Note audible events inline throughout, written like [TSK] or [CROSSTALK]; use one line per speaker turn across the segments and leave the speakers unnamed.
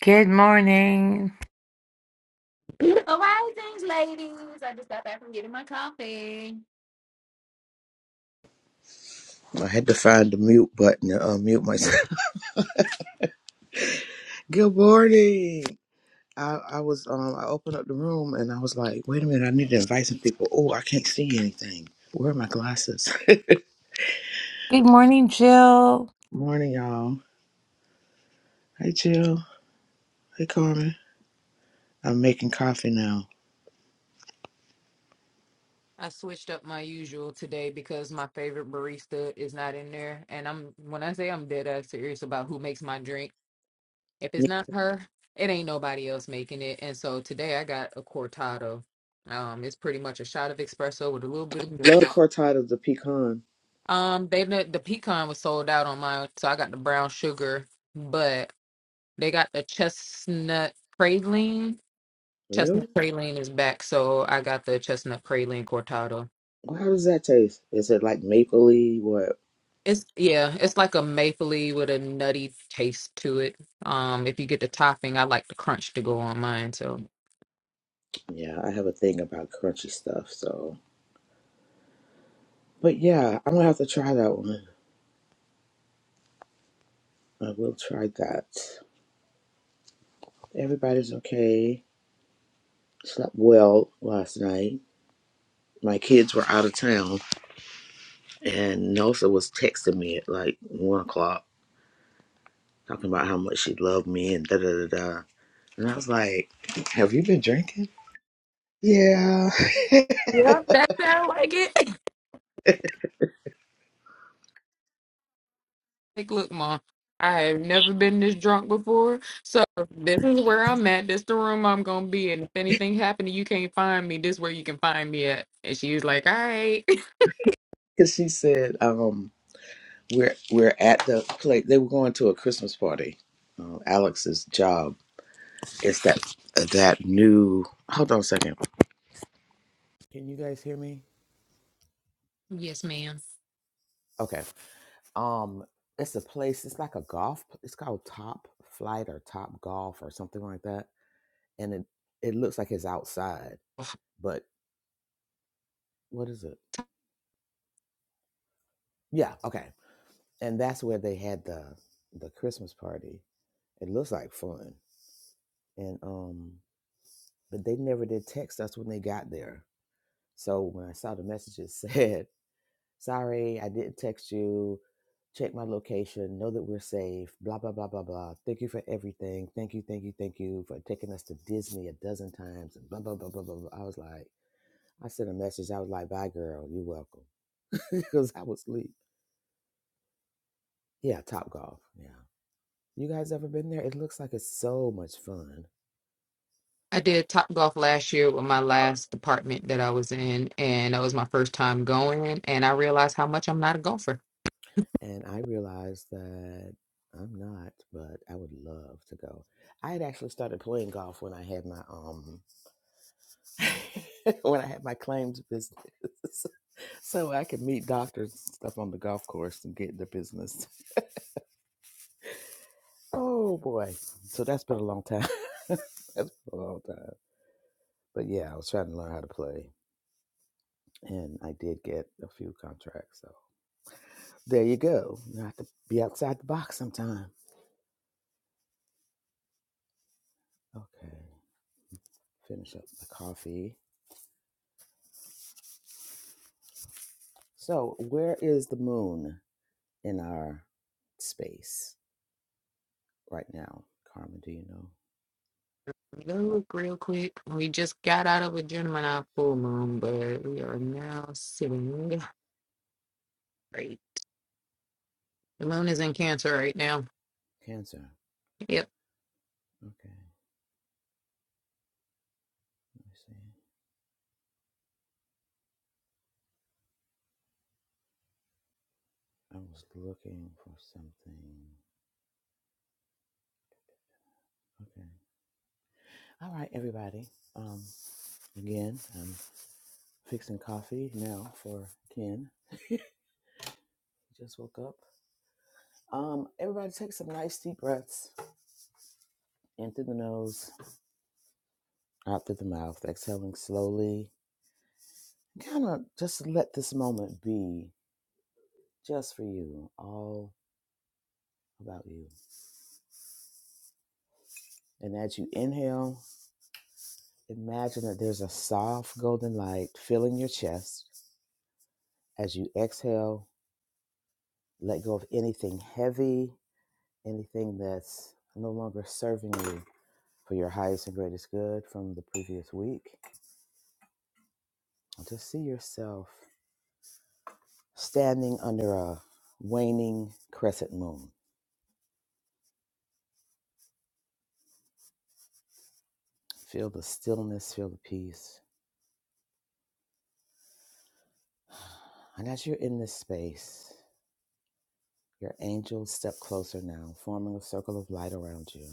Good morning.
Beautiful risings, ladies. I just got back from getting my coffee.
I had to find the mute button to unmute myself. [LAUGHS] Good morning. I, I was um I opened up the room and I was like, wait a minute, I need to invite some people. Oh, I can't see anything. Where are my glasses?
Good morning, Jill.
[LAUGHS] morning, y'all. Hey Jill. Hey Carmen. I'm making coffee now.
I switched up my usual today because my favorite barista is not in there. And I'm when I say I'm dead ass serious about who makes my drink. If it's not her, it ain't nobody else making it. And so today I got a cortado. Um, it's pretty much a shot of espresso with a little bit of milk.
Love cortadas, the pecan.
Um, they the, the pecan was sold out on mine, so I got the brown sugar, but they got the chestnut praline
Really?
Chestnut praline is back, so I got the chestnut praline cortado.
Well, how does that taste? Is it like mapley? What?
It's yeah, it's like a mapley with a nutty taste to it. Um, if you get the topping, I like the crunch to go on mine. So
Yeah, I have a thing about crunchy stuff. So, but yeah, I'm gonna have to try that one. I will try that. Everybody's okay. slept well last night. My kids were out of town, and Nelsa was texting me at like one o'clock, talking about how much she loved me and da da da da. And I was like, "Have you been drinking?" Yeah, [LAUGHS]
yeah, that sound like it. [LAUGHS] like, look, mom, I have never been this drunk before, so this is where I'm at. This the room I'm gonna be in. If anything happened, and you can't find me. This where you can find me at. And she was like, all right. [LAUGHS]
because she said, "Um, we're we're at the place. They were going to a Christmas party. Um, Alex's job is that that new. Hold on a second. Can you guys hear me?
Yes, ma'am.
Okay. um it's a place it's like a golf p- it's called top flight or top golf or something like that and it it looks like it's outside but what is it yeah okay and that's where they had the the christmas party it looks like fun and um but they never did text us when they got there so when i saw the messages [LAUGHS] said Sorry, I didn't text you. Check my location. Know that we're safe. Blah, blah, blah, blah, blah. Thank you for everything. Thank you, thank you, thank you for taking us to Disney a dozen times. And blah, blah, blah, blah, blah. blah. I was like, I sent a message. I was like, bye, girl. You're welcome. [LAUGHS] Because I was asleep. Yeah, Top Golf. Yeah. You guys ever been there? It looks like it's so much fun.
I did Top Golf last year with my last department that I was in, and that was my first time going. And I realized how much I'm not a golfer.
And I realized that I'm not, but I would love to go. I had actually started playing golf when I had my um [LAUGHS] when I had my claims business, [LAUGHS] so I could meet doctors and stuff on the golf course and get their business. Oh boy! So that's been a long time. [LAUGHS] that's been a long time. But yeah, I was trying to learn how to play, and I did get a few contracts. So there you go. You have to be outside the box sometime. Okay, finish up the coffee. So where is the moon in our space right now, Carmen? Do you know?
Look, real quick, we just got out of a Gemini full moon, but we are now sitting right. The moon is in Cancer right now.
Cancer.
Yep.
Okay, let me see. I was looking for something. Okay. All right, everybody. Um, again, I'm fixing coffee now for Ken. He just woke up. Um, everybody take some nice deep breaths in through the nose, out through the mouth, exhaling slowly. Kind of just let this moment be just for you, all about you. And as you inhale, imagine that there's a soft golden light filling your chest. As you exhale, Let go of anything heavy, anything that's no longer serving you for your highest and greatest good from the previous week. Just see yourself standing under a waning crescent moon. Feel the stillness, feel the peace. And as you're in this space, your angels step closer now, forming a circle of light around you.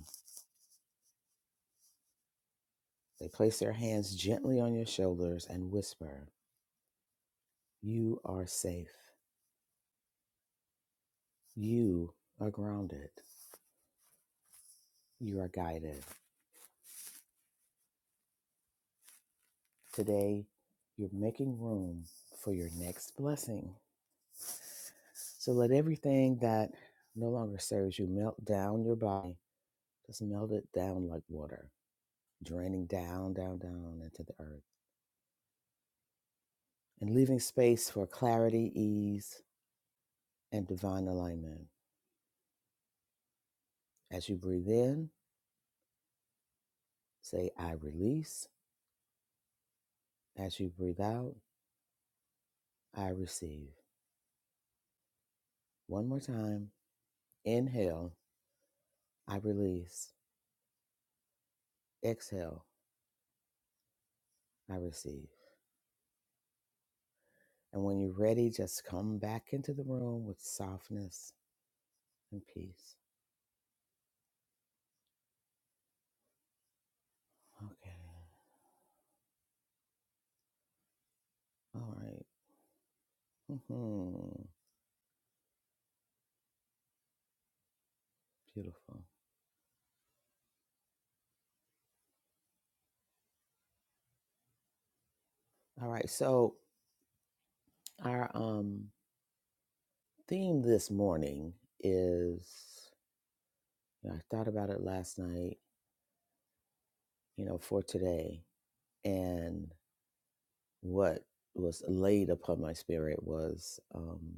They place their hands gently on your shoulders and whisper, You are safe. You are grounded. You are guided. Today, you're making room for your next blessing. So let everything that no longer serves you melt down your body. Just melt it down like water, draining down, down, down into the earth, and leaving space for clarity, ease, and divine alignment. As you breathe in, say, I release. As you breathe out, I receive. One more time. Inhale, I release. Exhale, I receive. And when you're ready, just come back into the room with softness and peace. Okay. All right. Mm-hmm. Beautiful. All right. So our um theme this morning is you know, I thought about it last night, you know, for today. And what was laid upon my spirit was um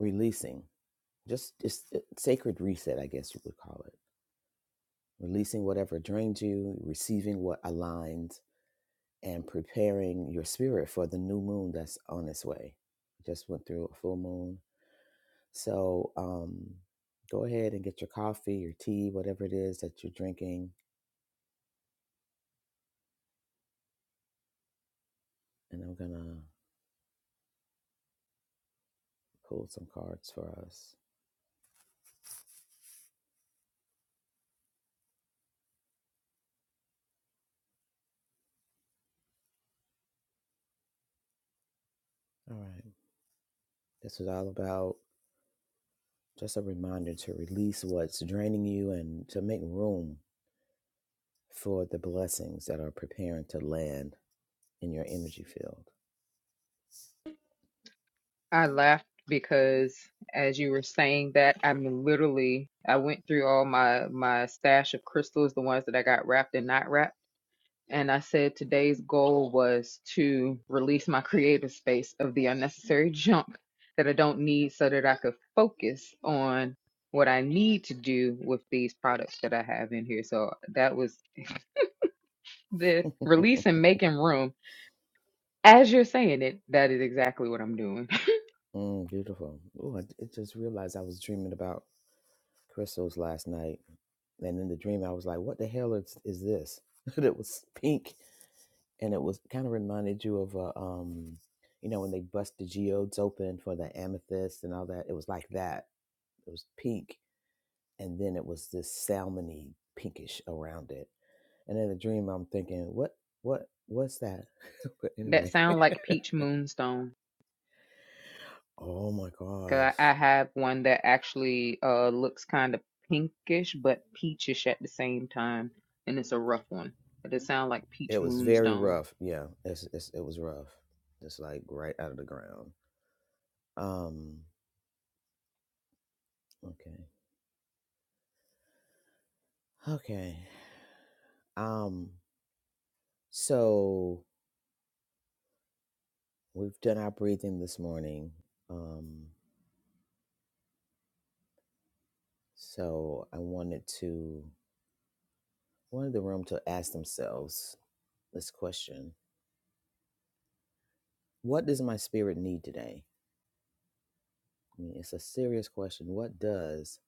releasing. Just it's sacred reset, I guess you would call it. Releasing whatever drains you, receiving what aligns and preparing your spirit for the new moon that's on its way. Just went through a full moon. So um, go ahead and get your coffee, your tea, whatever it is that you're drinking. And I'm going to pull some cards for us. All right. This is all about just a reminder to release what's draining you and to make room for the blessings that are preparing to land in your energy field.
I laughed because as you were saying that, I'm literally I went through all my my stash of crystals, the ones that I got wrapped and not wrapped. And I said today's goal was to release my creative space of the unnecessary junk that I don't need so that I could focus on what I need to do with these products that I have in here. So that was the release and making room. As you're saying it, that is exactly what I'm doing. [LAUGHS]
Mm, beautiful. Oh, I I just realized I was dreaming about crystals last night And in the dream, I was like, "What the hell is is this?" [LAUGHS] And it was pink, and it was kind of reminded you of a, um, you know, when they bust the geodes open for the amethyst and all that. It was like that. It was pink, and then it was this salmony pinkish around it. And in the dream, I'm thinking, "What? What? What's that?" [LAUGHS] but
That
anyway,
sound like peach moonstone.
[LAUGHS] oh my gosh,
Cause I, I have one that actually uh looks kind of pinkish but peachish at the same time, and it's a rough one. it sound like
it
peach
was very
moonstone.
rough. Yeah, it's, it's it was rough, just like right out of the ground. Um, okay. Okay. Um, so we've done our breathing this morning. Um, so I wanted to wanted the room to ask themselves this question. What does my spirit need today? I mean, it's a serious question. What does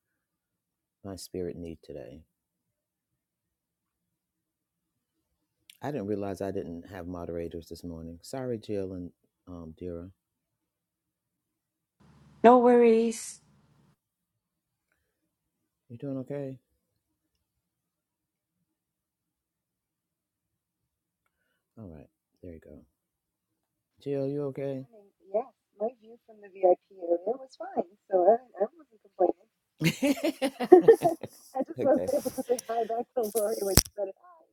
my spirit need today? I didn't realize I didn't have moderators this morning. Sorry, Jill and um, Dira.
No worries.
You doing okay? All right. There you go. Jill, you
Good morning. Yes, my view from the VIP area was fine, so I, I wasn't complaining.
okay?
[LAUGHS] I
[LAUGHS]
just wasn't able
okay.
to say hi back to Lori when she said hi.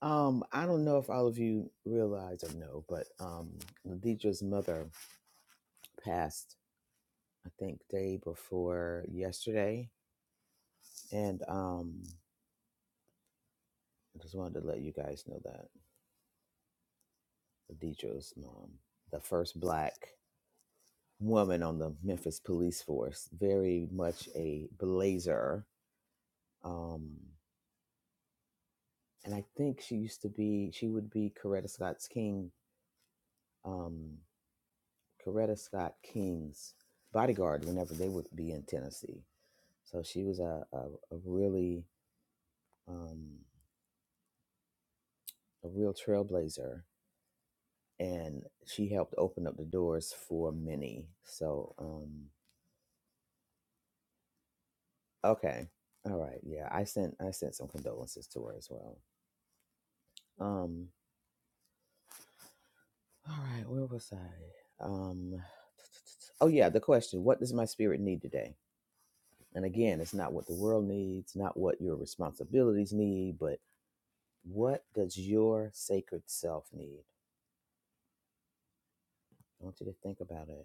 Um, I don't know if all of you realize or know, but um, Ladidra's mother passed, I think, day before yesterday, and um, I just wanted to let you guys know that Ladidra's mom, the first black woman on the Memphis police force, very much a blazer, um, and I think she used to be, she would be Coretta Scott's King, um, Coretta Scott King's bodyguard whenever they would be in Tennessee So she was a, a, a really um, a real trailblazer, and she helped open up the doors for many. So um, okay, all right, yeah, I sent I sent some condolences to her as well. Um, all right, where was I? Um, [TSK] oh yeah, the question: What does my spirit need today? And again, it's not what the world needs, not what your responsibilities need, but what does your sacred self need? I want you to think about it.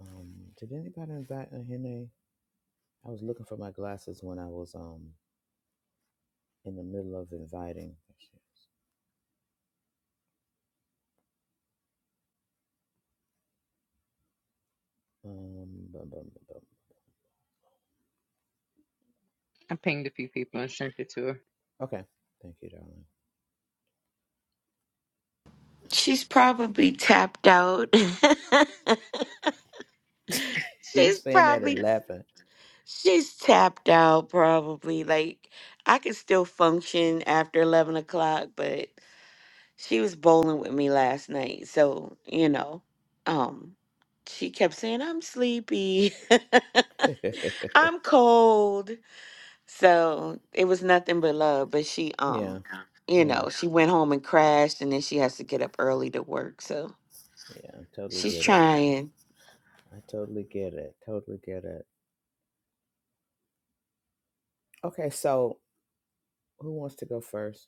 Um, did anybody invite a Hene? I was looking for my glasses when I was um in the middle of inviting. There she is. Um, bum, bum, bum, bum.
I pick People and sent it to her.
okay, thank you, darling. [LAUGHS]
She's probably tapped out. [LAUGHS]
You
she's
saying that
probably
and laughing?
she's tapped out probably. Like I could still function after eleven o'clock, but she was bowling with me last night, so you know, um, she kept saying I'm sleepy,
[LAUGHS]
[LAUGHS] I'm cold, so it was nothing but love. But she,
yeah, yeah,
um, you
yeah.
know, she went home and crashed, and then she has to get up early to work, so.
Totally
She's
get it.
trying.
I totally get it. Totally get it. Okay, so who wants to go first?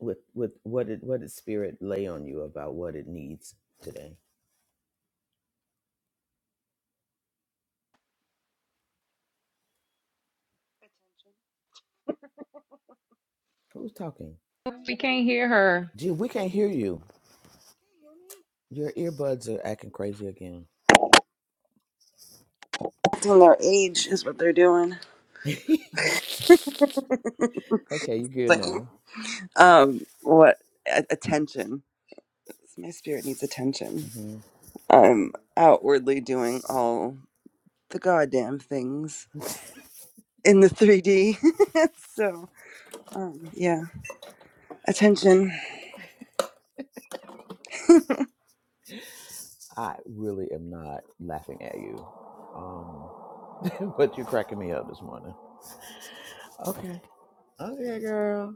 With with what did what did spirit lay on you about what it needs today?
Attention
Who's talking?
We
to
can't hear her.
Gee, we can't hear you.
you can hear me.
Your earbuds are acting crazy again.
Acting their age is what they're doing.
[LAUGHS]
[LAUGHS]
okay, you good
Like,
now.
um, what a- attention? My spirit needs attention.
hmm
I'm outwardly doing all the goddamn things in the 3D, [LAUGHS] so um, yeah, attention. [LAUGHS]
I really am not laughing at you. Um, [LAUGHS] but you're cracking me up this morning. Okay. Okay, girl.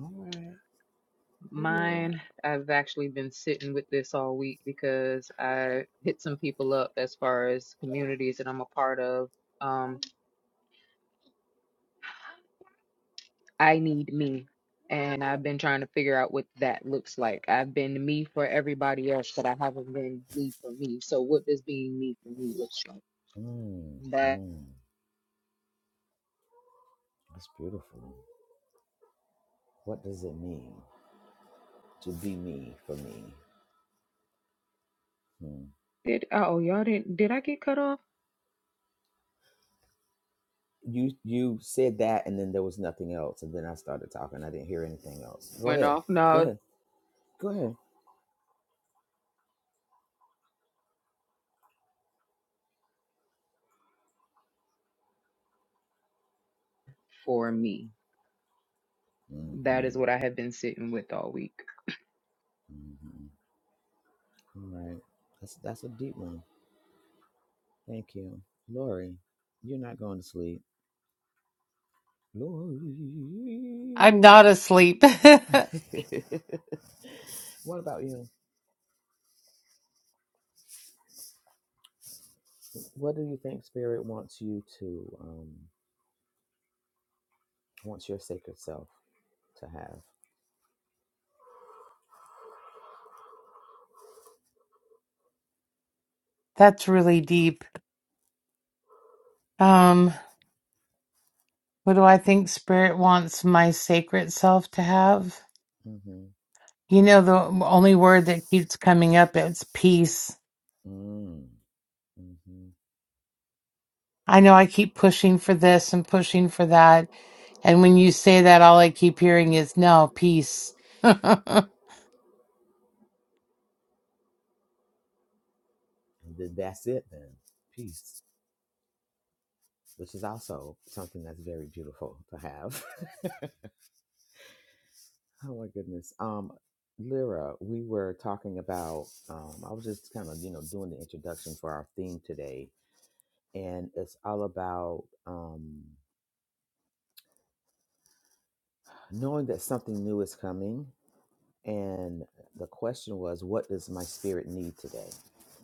All right. Hey, Lyra.
Mine, I've actually been sitting with this all week because I hit some people up as far as communities that I'm a part of. Um, I need me, and I've been trying to figure out what that looks like. I. me for everybody else, but I haven't been me for me. So what does being me for me look
Mm,
like?
mm, that's beautiful. What does it mean to be me for me? Hmm.
Did, oh, y'all didn't, did I get cut off?
You you said that, and then there was nothing else, and then I started talking. I didn't hear anything else. Go
Went
ahead.
off?
Go
No,
ahead. Go ahead.
for me.
Mm-hmm.
That is what I have been sitting with all week.
Mm-hmm. All right. That's that's a deep one. Thank you. Lori, you're not going to sleep. Lori.
I'm not asleep.
[LAUGHS] what about you? What do you think spirit wants you to, um, wants your sacred self to have?
[LAUGHS] That's really deep. Um, what do I think spirit wants my sacred self to have?
Mm-hmm.
You know, the only word that keeps coming up is peace.
Mm, mm-hmm.
I know I keep pushing for this and pushing for that. And when you say that, all I keep hearing is no, peace. [LAUGHS] I'll
And Th- that's it then. Peace, which is also something that's very beautiful to have. [LAUGHS] oh my goodness. Um, Lyra, we were talking about, um, I was just kind of, you know, doing the introduction for our theme today and it's all about um, knowing that something new is coming. And the question was, what does my spirit need today?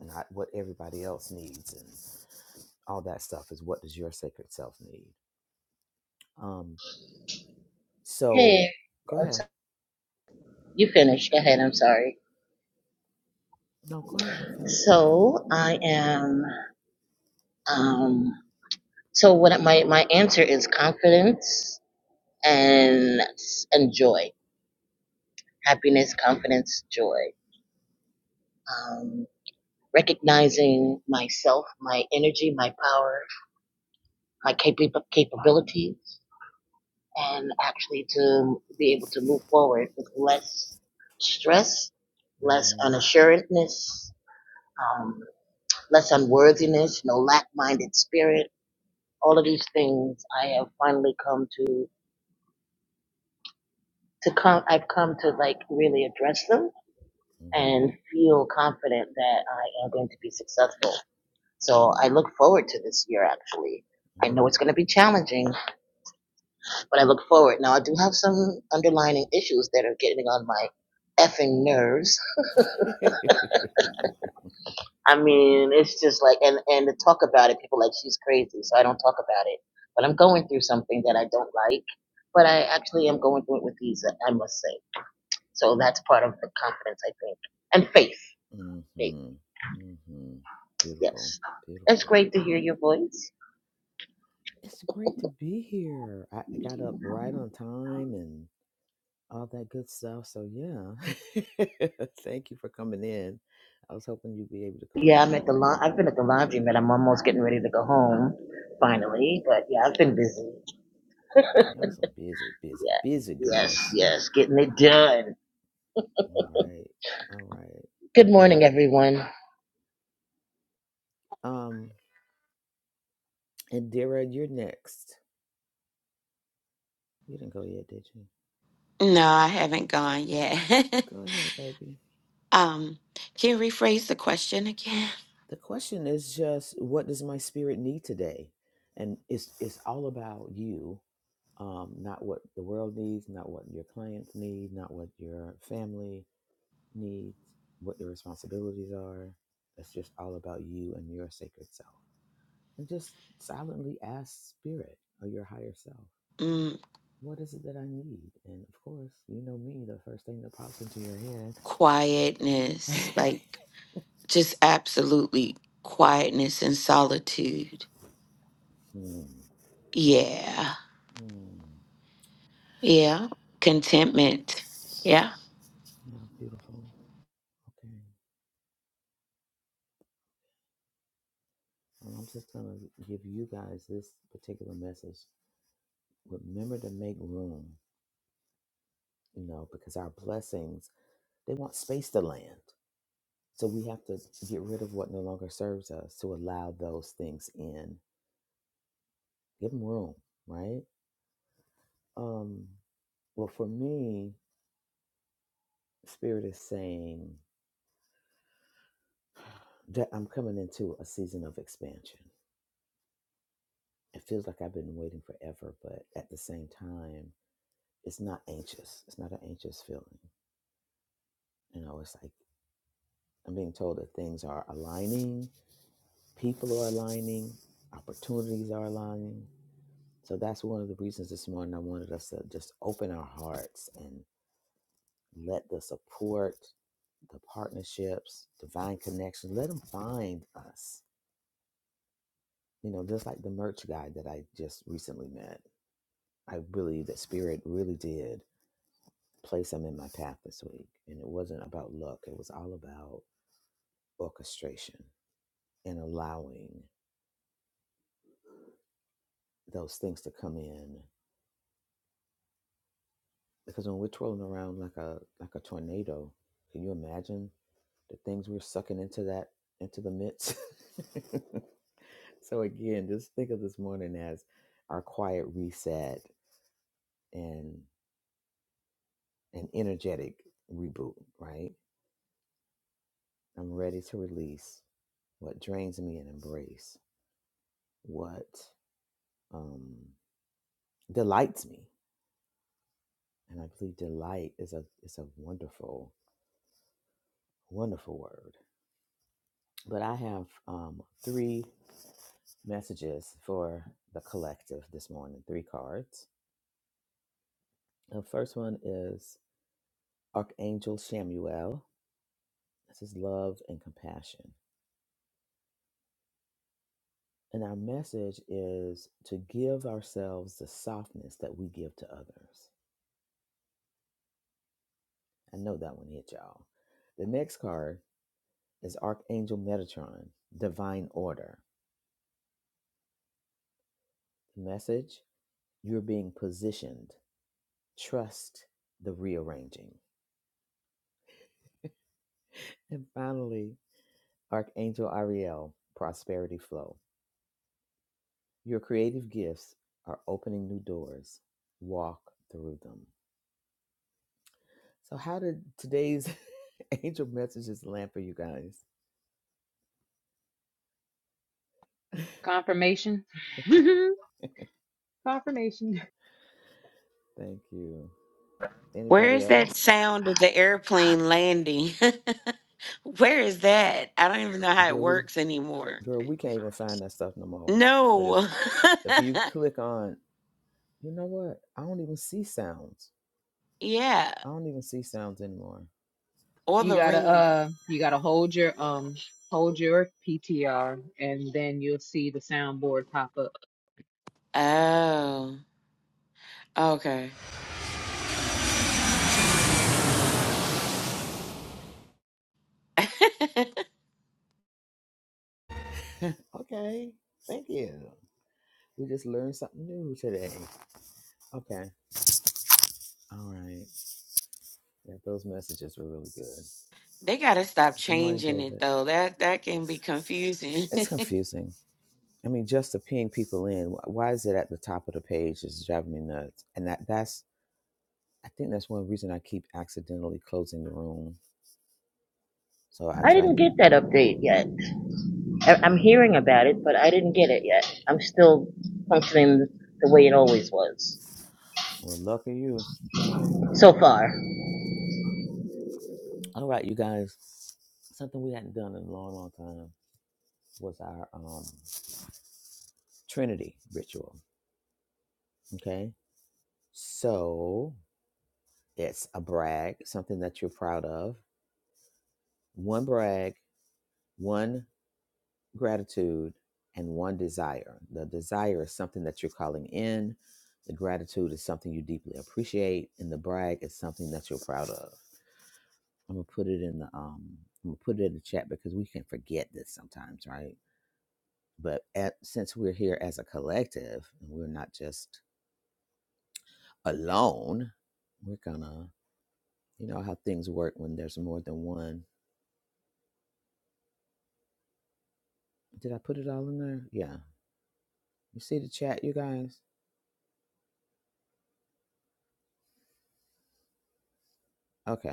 Not what everybody else needs, and all that stuff is what does your sacred self need? Um,
Hey,
so go
I'm
ahead.
so- you finished. Go ahead. I'm sorry.
No, go ahead. I'm finished.
So I am. Um, so what? My my answer is confidence and and joy, happiness, confidence, joy. Um, recognizing myself, my energy, my power, my capa- capabilities, and actually to be able to move forward with less stress, less
Mm-hmm.
unassuredness. um, less unworthiness, no lack-minded spirit. All of these things I have finally come to to come. I've come to like really address them
Mm-hmm.
and feel confident that I am going to be successful. So I look forward to this year. Actually, I know it's going to be challenging, but I look forward. Now I do have some underlining issues that are getting on my effing nerves.
Mm-hmm. [LAUGHS]
I mean, it's just like, and and to talk about it, people are like she's crazy, so I don't talk about it. But I'm going through something that I don't like, but I actually am going through it with ease, I must say. So that's part of the confidence, I think, and faith. Faith,
mm-hmm. Mm-hmm. Beautiful.
yes. It's
Beautiful.
great to hear your voice.
It's great to be here. I I got up right on time and. all that good stuff. So yeah, [LAUGHS] thank you for coming in. I was hoping you'd be able to come.
Yeah, I'm at the la- I've been at the laundry, but I'm almost getting ready to go home, finally. But yeah, I've been busy.
Y'all some busy, busy,
Yeah,
busy
yes,
girls.
yes, getting it done.
All right, all right,
Good morning,
okay.
everyone.
Um, Indira, you're next. You didn't go yet, did you?
No, I haven't gone yet. [LAUGHS]
Go ahead, baby.
um, can you rephrase the question again?
The question is just, what does my spirit need today? And it's it's all about you. Um, not what the world needs, not what your clients need, not what your family needs, what your responsibilities are. It's just all about you and your sacred self. And just silently ask spirit or your higher self,
Mm,
what is it that I need? And of course, you know me, the first thing that pops into your head.
quietness,
[LAUGHS]
like just absolutely quietness and solitude.
hmm.
Yeah.
Hmm.
Yeah. Contentment. Yeah.
Yeah, beautiful. Okay. Well, I'm just going to give you guys this particular message. Remember to make room, you know, because our blessings, they want space to land. So we have to get rid of what no longer serves us to allow those things in. Give them room, right? Um, well, for me, Spirit is saying that I'm coming into a season of expansion. It feels like I've been waiting forever, but at the same time, it's not anxious. It's not an anxious feeling. You know, it's like I'm being told that things are aligning, people are aligning, opportunities are aligning, So that's one of the reasons this morning I wanted us to just open our hearts and let the support, the partnerships, divine connection, let them find us. You know, just like the merch guy that I just recently met. I believe that spirit really did place him in my path this week. And it wasn't about luck. It was all about orchestration and allowing those things to come in. Because when we're twirling around like a like a tornado, can you imagine the things we're sucking into that into the midst. [LAUGHS] so again, just think of this morning as our quiet reset and an energetic reboot, right? I'm ready to release what drains me and embrace what um, delights me. And I believe delight is a is a wonderful, wonderful word. But I have um, three messages for the collective this morning, three cards. The first one is Archangel Samuel. This is love and compassion. And our message is to give ourselves the softness that we give to others. I know that one hit y'all. The next card is Archangel Metatron, Divine Order. The message you're being positioned, trust the rearranging. And finally, Archangel Ariel, Prosperity Flow. Your creative gifts are opening new doors. Walk through them. So, how did today's [LAUGHS] angel messages land for you guys? [LAUGHS]
Confirmation. [LAUGHS] Confirmation.
Thank you.
Where
Anybody
is that
else?
sound of the airplane landing? [LAUGHS] Where is that? I don't even know how it
Girl, we
works anymore.
girl, we can't even find that stuff no more. But if
No.
if you click on, you know what? I don't even see sounds.
[LAUGHS] yeah.
I don't even see sounds anymore.
Or
You
the
gotta,
ring.
uh, you gotta hold your, uh, hold your PTR and then you'll see.
Oh. Okay. [LAUGHS]
Okay. Thank you. We just learned something new today. Okay. All right. Yeah, those messages were really good.
they gotta stop
Good morning,
changing it
David.
though. That that can be confusing.
It's confusing I mean, just to ping people in, wh- why is it at the top of the page is driving me nuts. And that that's I think that's one reason I keep accidentally closing the room. So I
I
try.
didn't
n-
get that update yet. I, am hearing about it, but I didn't get it yet. I'm still functioning the way it always was
Well, lucky you.
so far.
All right, you guys. Something we hadn't done in a long, long time was our um, Trinity ritual. Okay, so it's a brag, something that you're proud of. One brag, one gratitude and one desire. The desire is something that you're calling in, the gratitude is something you deeply appreciate, and the brag is something that you're proud of. I'm gonna put it in the um I'm gonna put it in the chat because we can forget this sometimes, right? But at, since we're here as a collective and we're not just alone, we're gonna you know how things work when there's more than one. Did I put it all in there? Yeah. You see the chat, you guys? Okay.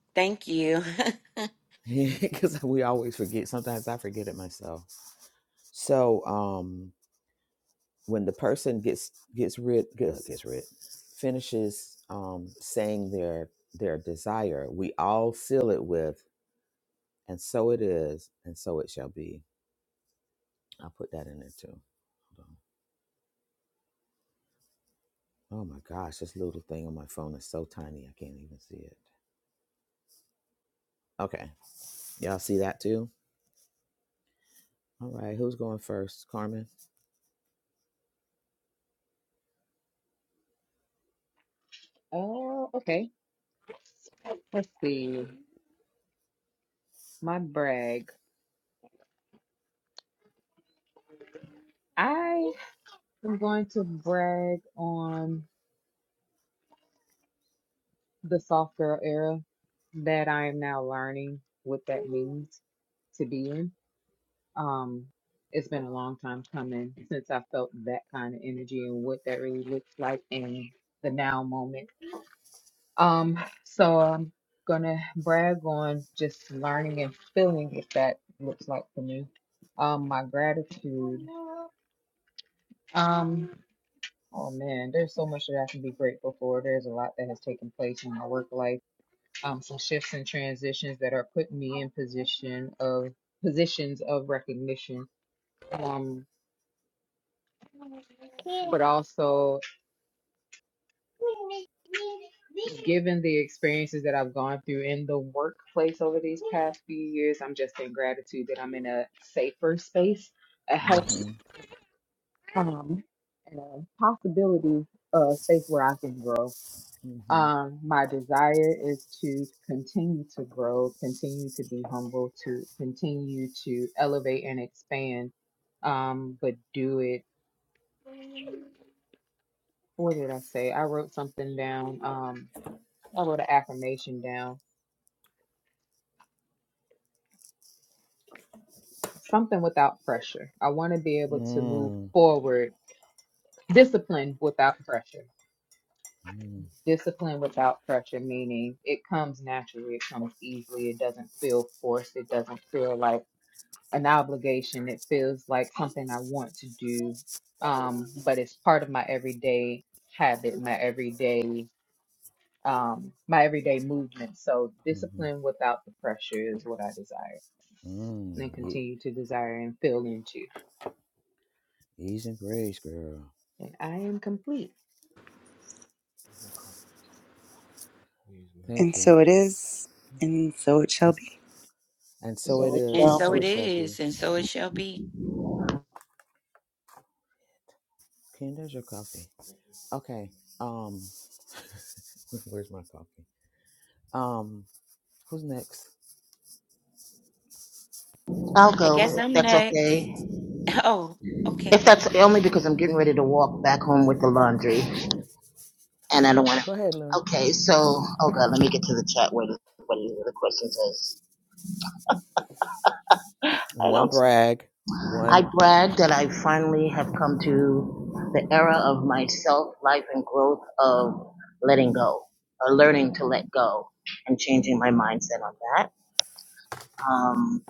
[LAUGHS] Thank you.
[LAUGHS] because we always forget sometimes i forget it myself so um when the person gets gets rid gets, gets rid finishes um saying their their desire we all seal it with and so it is and so it shall be i'll put that in there too Hold on. oh my gosh this little thing on my phone is so tiny i can't even see it okay y'all see that too all right who's going first carmen
Oh, okay. Let's see. My brag. I am going to brag on. the soft girl era that I am now learning what that means to be in. Um, it's been a long time coming since I felt that kind of energy and what that really looks like in the now moment. Um, so I'm gonna brag on just learning and feeling what that looks like for me. Um, my gratitude. Um, oh man, there's so much that I can be grateful for. There's a lot that has taken place in my work life um, some shifts and transitions that are putting me in position of positions of recognition, um, but also given the experiences that I've gone through in the workplace over these past few years, I'm just in gratitude that I'm in a safer space, a healthy,
mm-hmm
um, and a possibility uh, space where I can grow.
mm-hmm
Um, my desire is to continue to grow, continue to be humble, to continue to elevate and expand, um, but do it. What did I say? I wrote something down. Um, I wrote an affirmation down. Something without pressure. I'll be able to move
mm,
forward. Discipline without pressure.
mm-hmm
Discipline without pressure, meaning it comes naturally, it comes easily, it doesn't feel forced, it doesn't feel like an obligation. It feels like something I want to do, um, but it's part of my everyday habit, my everyday um, my everyday movement. So
Mm-hmm.
discipline without the pressure is what I desire,
Mm,
and then
ye-
continue to desire and feel into.
ease and grace, girl.
And I am complete.
And
Thank you.
so it is,
There's your-
and so it shall
And
be.
and so it
So it
[LAUGHS]
is,
and
and
shall
so
so
Mhm.
be.
it
it shall be.
is, and so it shall be.
Ken, there's your coffee. Okay. Um, [LAUGHS] where's my coffee? Um, who's next?
I'll
I
go
guess
if
I'm
that's okay.
next. Oh, okay.
If that's only because I'm getting ready to walk back home with the laundry, and I don't want to.
Go ahead, Laura.
Okay, so oh god, let me get to the chat where the, what the question says. I
One
don't.
brag,
I
one.
brag that I finally have come to the era of my self life and growth of letting go, or learning to let go, and changing my mindset on that. Um,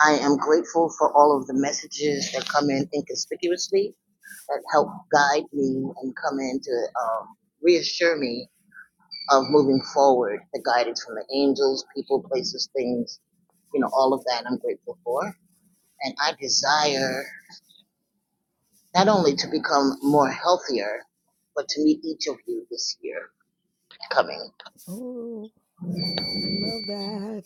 I am grateful for all of the messages that come in inconspicuously that help guide me and come in to um, reassure me of moving forward. The guidance from the angels, people, places, things, you know, all of that I'm grateful for. And I desire not only to become more healthier, but to meet each of you this year coming.
Oh, I love that.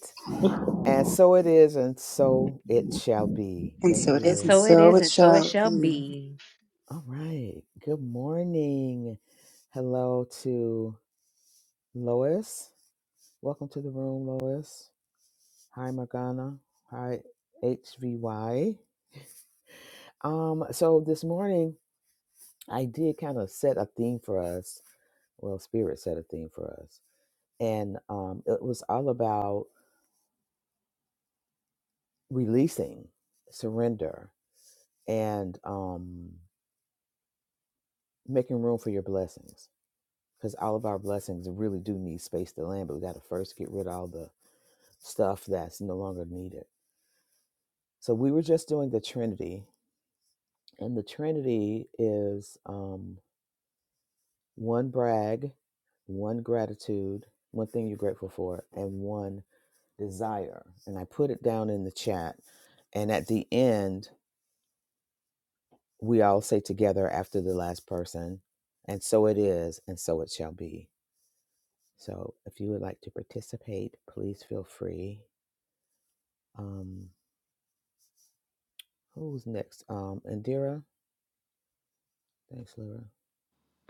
And so it is, and so it shall be.
And
Thank
so it
you,
And
is, and
Lyra.
so it
so
is,
it
and so it
shall
shall
be.
be.
All right. Good morning. Hello to Lois. Welcome to the room, Lois. Hi, Morgana. Hi, HVY. Um, so this morning I did kind of set a theme for us. Well, Spirit set a theme for us. And um, it was all about releasing, surrender, and um, making room for your blessings. Because all of our blessings really do need space to land, but we got to first get rid of all the stuff that's no longer needed. So we were just doing the Trinity, and the Trinity is. Um, one brag, one gratitude, one thing you're grateful for, and one desire. And I put it down in the chat. And at the end, we all say together after the last person, and so it is, and so it shall be. So if you would like to participate, please feel free. Um, who's next? Um, Indira. Thanks, Lyra.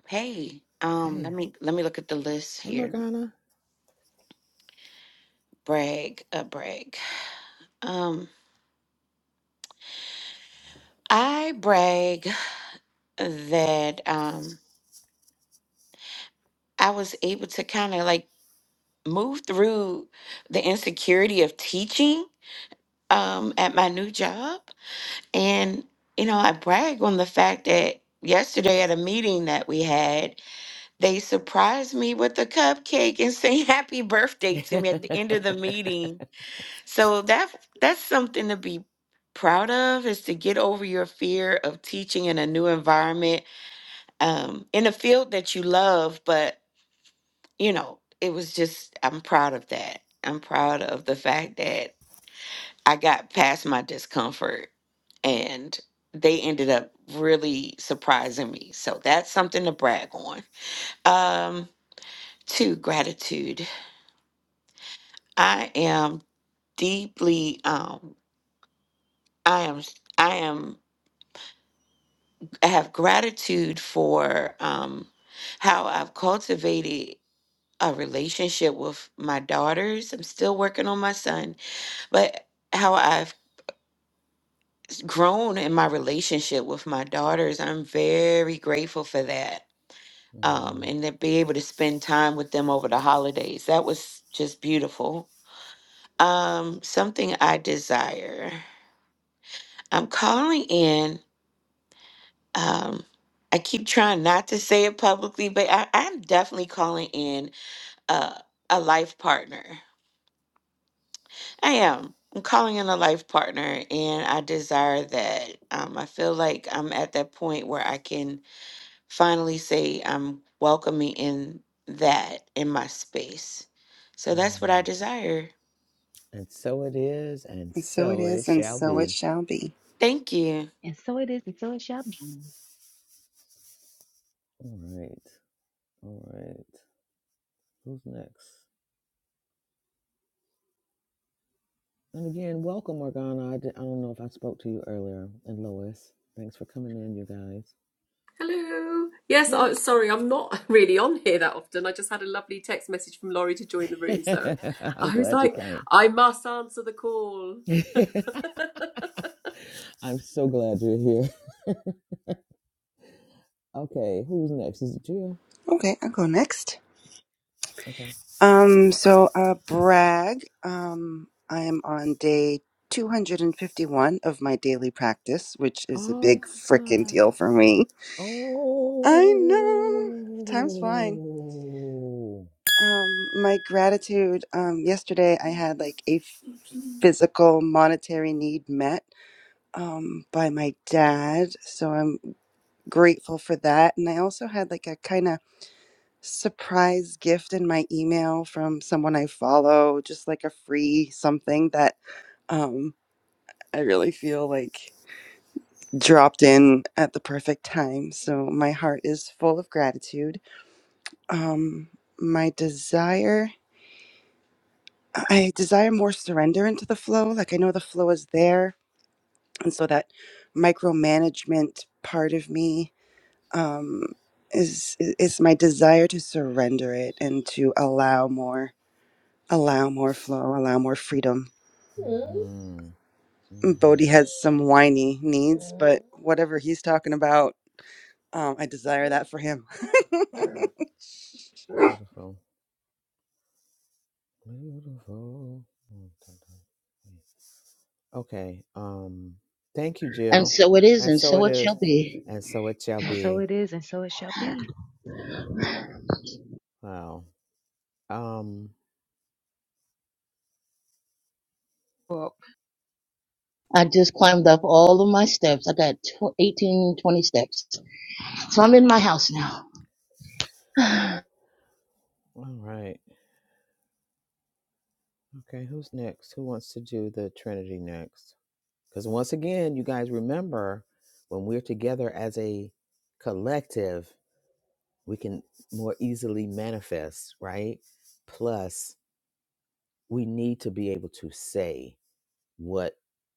Hey, um, let
Hey,
me let me look at the list
hey,
here.
Morgana. [LAUGHS]
Brag, uh, brag. Um, I brag that um I was able to kind of like move through the insecurity of teaching um at my new job And, you know, I brag on the fact that yesterday at a meeting that we had, they surprised me with a cupcake and saying [LAUGHS] happy birthday to me at the end of the meeting. So that that's something to be proud of is to get over your fear of teaching in a new environment, um, in a field that you love, but you know, it was just I'm proud of that. I'm proud of the fact that I got past my discomfort and they ended up really surprising me. So that's something to brag on. Um, two, gratitude. I am deeply um I am I am I have gratitude for um how I've cultivated a relationship with my daughters. I'm still working on my son, but how I've grown in my relationship with my daughters. I'm very grateful for that um,
Mhm.
and to be able to spend time with them over the holidays. That was just beautiful. Um, something I desire. I'm calling in. Um, I keep trying not to say it publicly, but I, I'm definitely calling in uh, a life partner. I am. I'm calling in a life partner, and I desire that. Um, I feel like I'm at that point where I can finally say I'm welcoming in that in my space. So that's what
Mm.
I desire.
And so it is, and
And so it
so it
is, and
shall
so it
be.
shall be.
Thank you.
And so it is, and so it shall be.
All right. All right. Who's next? And again, welcome, Morgana. I, di- I don't know if I spoke to you earlier. And Lois, thanks for coming in, you guys.
Hello. Yes, I sorry, I'm not [LAUGHS] really on here that often. I just had a lovely text message from Laurie to join the room, so
Hey. [LAUGHS] I'm
I was
glad you
like,
came.
I must answer the call.
[LAUGHS] I'm so glad you're here. Okay, who's next? Is it Jill?
Okay, I'll go next.
Okay.
Um, so uh brag. Um I am on day 251 of my daily practice, which is a
Oh
big
my
frickin'
God.
deal for me. I
Oh.
know. Time's flying. Um my gratitude um yesterday I had like a physical monetary need met um, by my dad. So I'm grateful for that. And I also had like a kind of surprise gift in my email from someone I follow, just like a free something that um, I really feel like dropped in at the perfect time. So my heart is full of gratitude. Um, my desire. I desire more surrender into the flow. Like I know the flow is there. And so that micromanagement part of me um, is i- it's my desire to surrender it and to allow more, allow more flow, allow more freedom.
mm hmm mm hmm
Bodhi has some whiny needs, but whatever he's talking about, um, I desire that for him. [LAUGHS]
Beautiful. Beautiful. Mm, dun, dun. Okay. Um thank you,
And
Jill.
so it is,
And
and
so
so
it
it shall
is,
be.
and so it shall
And so
be.
it is, and so it shall be.
Wow. Um
Well,
I just climbed up all of my steps. I got tw- 18, twenty steps. So I'm in my house now. [SIGHS] and
all right. Okay, who's next? Who wants to do the Trinity next? Cuz once again, you guys remember when we're together as a collective, we can more easily manifest, right? Plus, we need to be able to say what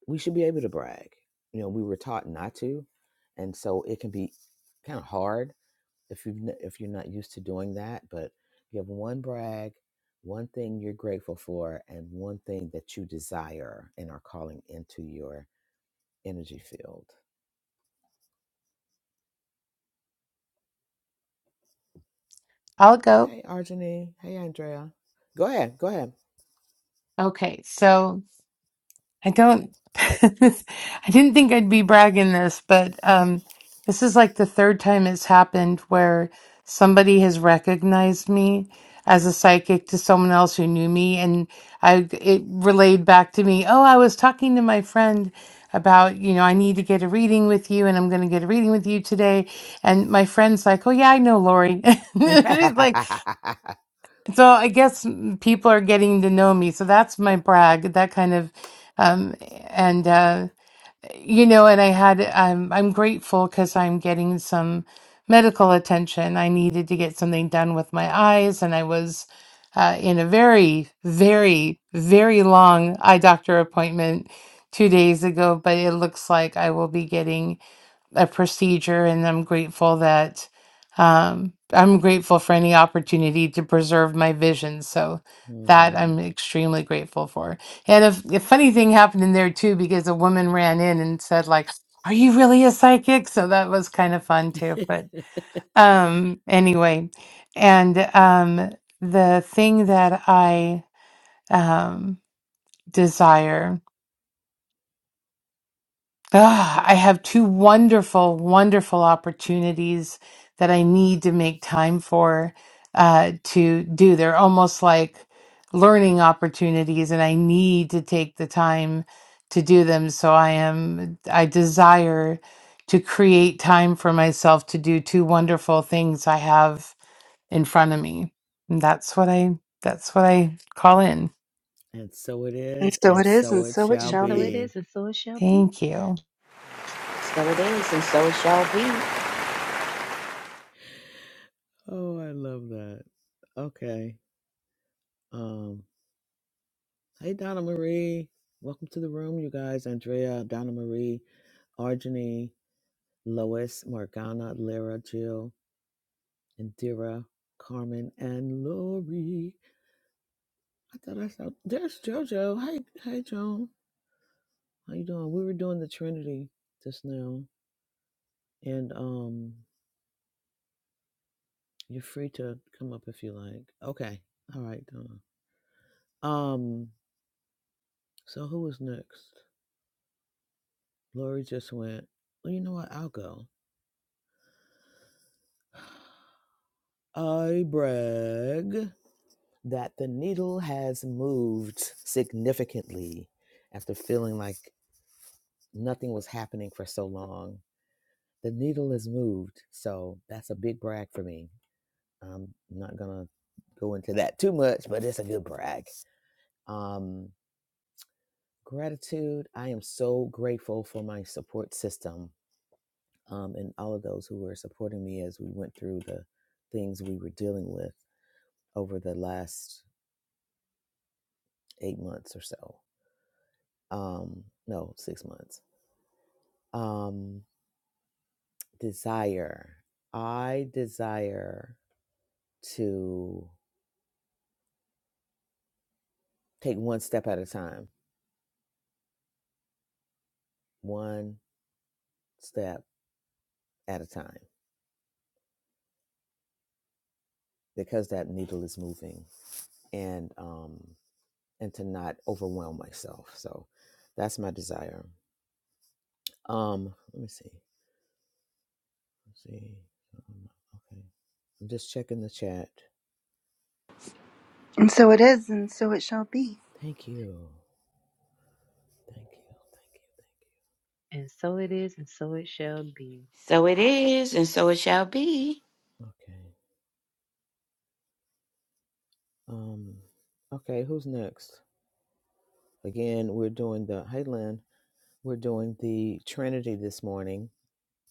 we should be able to brag. You know, we were taught not to, and so it can be kind of hard if you've n- if you're not used to doing that but you have one brag one thing you're grateful for and one thing that you desire and are calling into your energy field
go.
hey arjani hey andrea go ahead go ahead
Okay, so. I don't, [LAUGHS] I didn't think I'd be bragging this, but um, this is like the third time it's happened where somebody has recognized me as a psychic to someone else who knew me, and I it relayed back to me, oh, I was talking to my friend about, you know, I need to get a reading with you, and I'm going to get a reading with you today, and my friend's like, oh yeah, I know Lori, [LAUGHS] She's
[LAUGHS]
like. So I guess mm, people are getting to know me. So that's my brag, that kind of, um, and uh, you know, and I had, um, I'm grateful because I'm getting some medical attention. I needed to get something done with my eyes, and I was uh, in a very, very, very long eye doctor appointment two days ago. But it looks like I will be getting a procedure, and I'm grateful that um, I'm grateful for any opportunity to preserve my vision. So that
hmm
I'm extremely grateful for. And a, a funny thing happened in there too, because a woman ran in and said, like, "Are you really a psychic?" So that was kind of fun too. But um, anyway, and um, the thing that I um, desire. Ah, I have two wonderful, wonderful opportunities that I need to make time for uh, to do. They're almost like learning opportunities, and I need to take the time to do them. So I am, I desire to create time for myself to do two wonderful things I have in front of me. And that's what I, that's what I call in.
and so it
And
is
so
and
it is,
so
and
it
so it
shall
and
shall
so it
be.
be
is, and so it shall be.
Thank you.
So it is, and so it shall be.
oh i love that okay um hey donna marie welcome to the room you guys andrea donna marie arjani Lois, Morgana, Lyra, Jill, Indira, Carmen, and Lori. I thought I saw there's JoJo. Hi, hi Joan. How you doing? We were doing the Trinity just now. And um you're free to come up if you like. Okay. All right, Donna. Um, so who was next? Lori just went, Well, you know what? I'll go. I brag that the needle has moved significantly after feeling like nothing was happening for so long. The needle has moved, so that's a big brag for me. I'm not gonna go into that too much, but it's a good brag. Um, gratitude. I am so grateful for my support system um, and all of those who were supporting me as we went through the things we were dealing with over the last eight months or so. Um, no, six months. Um, desire. I desire to. Take one step at a time, one step at a time, because that needle is moving, and um, and to not overwhelm myself. So that's my desire. Um, let me see. Let's see. Um, okay, I'm just checking the chat.
And so it is, and so it shall be.
Thank you. Thank you. Thank you.
And so it is, and so it shall be.
So it is, and so it shall be.
Thank you. Okay. Um. Okay. Who's next? Again, we're doing the. Hey, Lynn. We're doing the Trinity this morning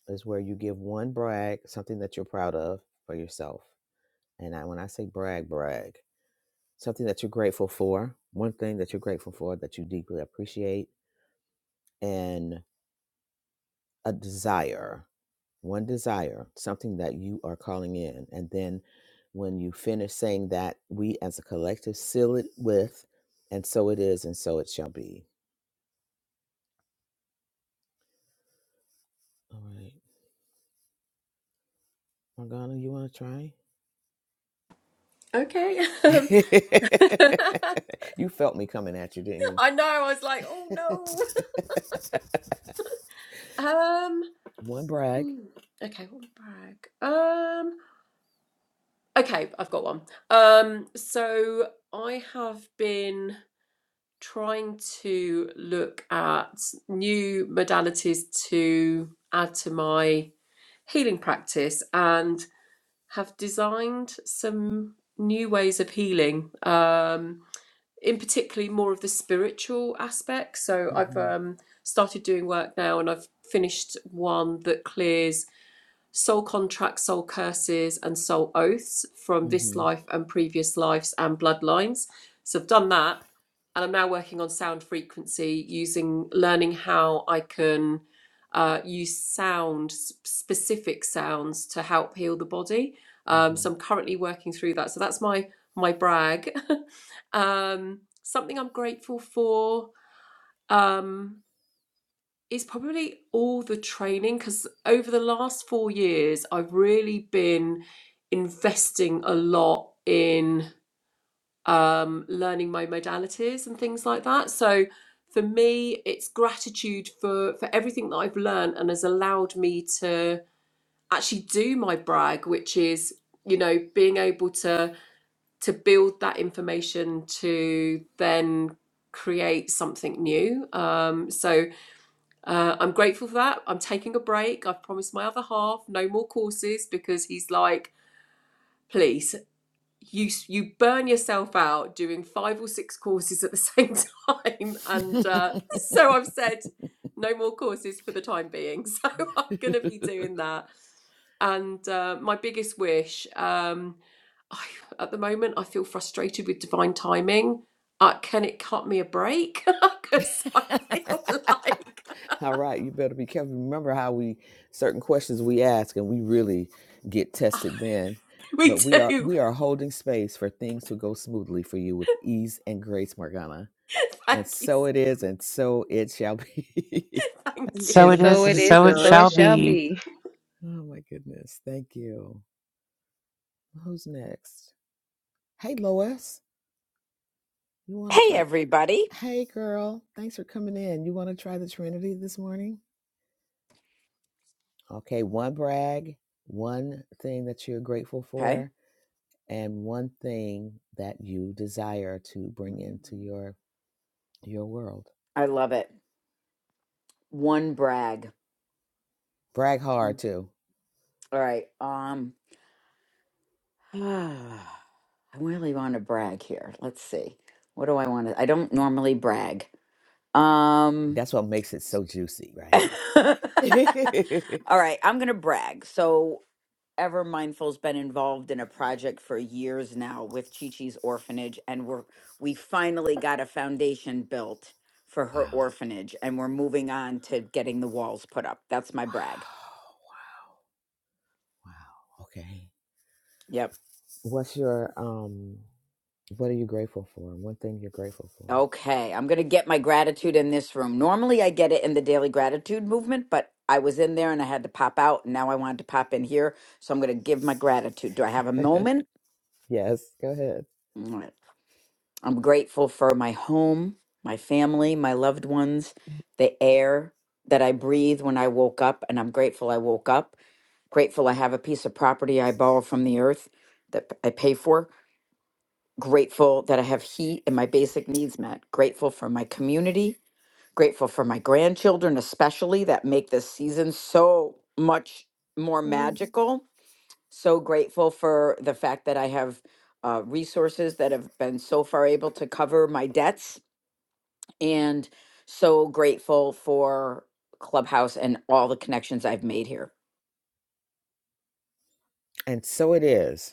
is where you give one brag, something that you're proud of for yourself. And I, when I say brag, brag, something that you're grateful for, one thing that you're grateful for that you deeply appreciate, and a desire, one desire, something that you are calling in. And then when you finish saying that, we as a collective seal it with, and so it is, and so it shall be. All right. Morgana, you want to try?
Okay. [LAUGHS] I
[LAUGHS] you felt me coming at you, didn't
know. I was like, oh
you? [LAUGHS]
no. Um.
One brag.
hmm, Okay. What would brag? Um. Okay, I've got one. Um. So I have been trying to look at new modalities to add to my healing practice and have designed some new ways of healing, um, in particularly more of the spiritual aspect. So I've
hmm
um, started doing work now and I've finished one that clears soul contracts, soul curses, and soul oaths from this
hmm
life and previous lives and bloodlines. So I've done that. And I'm now working on sound frequency using learning how I can uh, use sound, specific sounds to help heal the body. Um, so I'm currently working through that. So that's my my brag. [LAUGHS] um, something I'm grateful for. Um, it's probably all the training because over the last four years, I've really been investing a lot in um, learning my modalities and things like that. So for me, it's gratitude for for everything that I've learned and has allowed me to actually do my brag, which is you know being able to to build that information to then create something new. Um, so uh, I'm grateful for that. I'm taking a break. I've promised my other half no more courses because he's like, please, you you burn yourself out doing five or six courses at the same time, [LAUGHS]
hmm
and uh, so I've said no more courses for the time being. [LAUGHS] So I'm going to be doing that. And uh, my biggest wish um, I, at the moment, I feel frustrated with divine timing. Uh, can it cut me a break? [LAUGHS] Because I feel [LAUGHS] like
[LAUGHS] All right, you better be careful. Remember how we certain questions we ask and we really get tested then.
we
But we are
do.
we are holding space for things to go smoothly for you with ease and grace, Morgana.
[LAUGHS]
And
Thank you.
so it is, and so it shall be.
Thank
And
So
so
And
you.
it
it is,
so it
is,
and
is,
so
and
it
so
so
it
it
shall
shall
shall
be.
be.
be.
[LAUGHS] oh my goodness. Thank you. Who's next? Hey Lois. You wanna
Hey,
try?
everybody.
Hey, girl. Thanks for coming in. You want to try the Trinity this morning? Okay, one brag, one thing that you're grateful
Okay.
for, and one thing that you desire to bring into your your world.
I love it. One brag.
Brag
All
hard too.
right. Um, [SIGHS] I really want to brag here. Let's see. What do I want to? I don't normally brag. Um,
That's what makes it so juicy,
[LAUGHS]
right?
all
[LAUGHS] wow.
right. I'm going to brag. So ever mindful's been involved in a project for years now with Chi Chi's orphanage and we're we finally got a foundation built for her
Wow.
orphanage and we're moving on to getting the walls put up. That's my brag.
Wow. Wow. Okay.
Yep.
What's your um what are you grateful for? One thing you're grateful for.
Okay, I'm going to get my gratitude in this room. Normally I get it in the daily gratitude movement, but I was in there and I had to pop out and now I wanted to pop in here, so I'm going to give my gratitude. Do I have a moment?
Yes, go ahead.
Mm, I'm grateful for my home, my family, my loved ones, the air that I breathe when I woke up, and I'm grateful I woke up. Grateful I have a piece of property I borrow from the earth that I pay for. Grateful that I have heat and my basic needs met. Grateful for my community. Grateful for my grandchildren, especially that make this season so much more
Mm.
magical. So grateful for the fact that I have uh, resources that have been so far able to cover my debts and so grateful for Clubhouse and all the connections I've made here.
And so it is.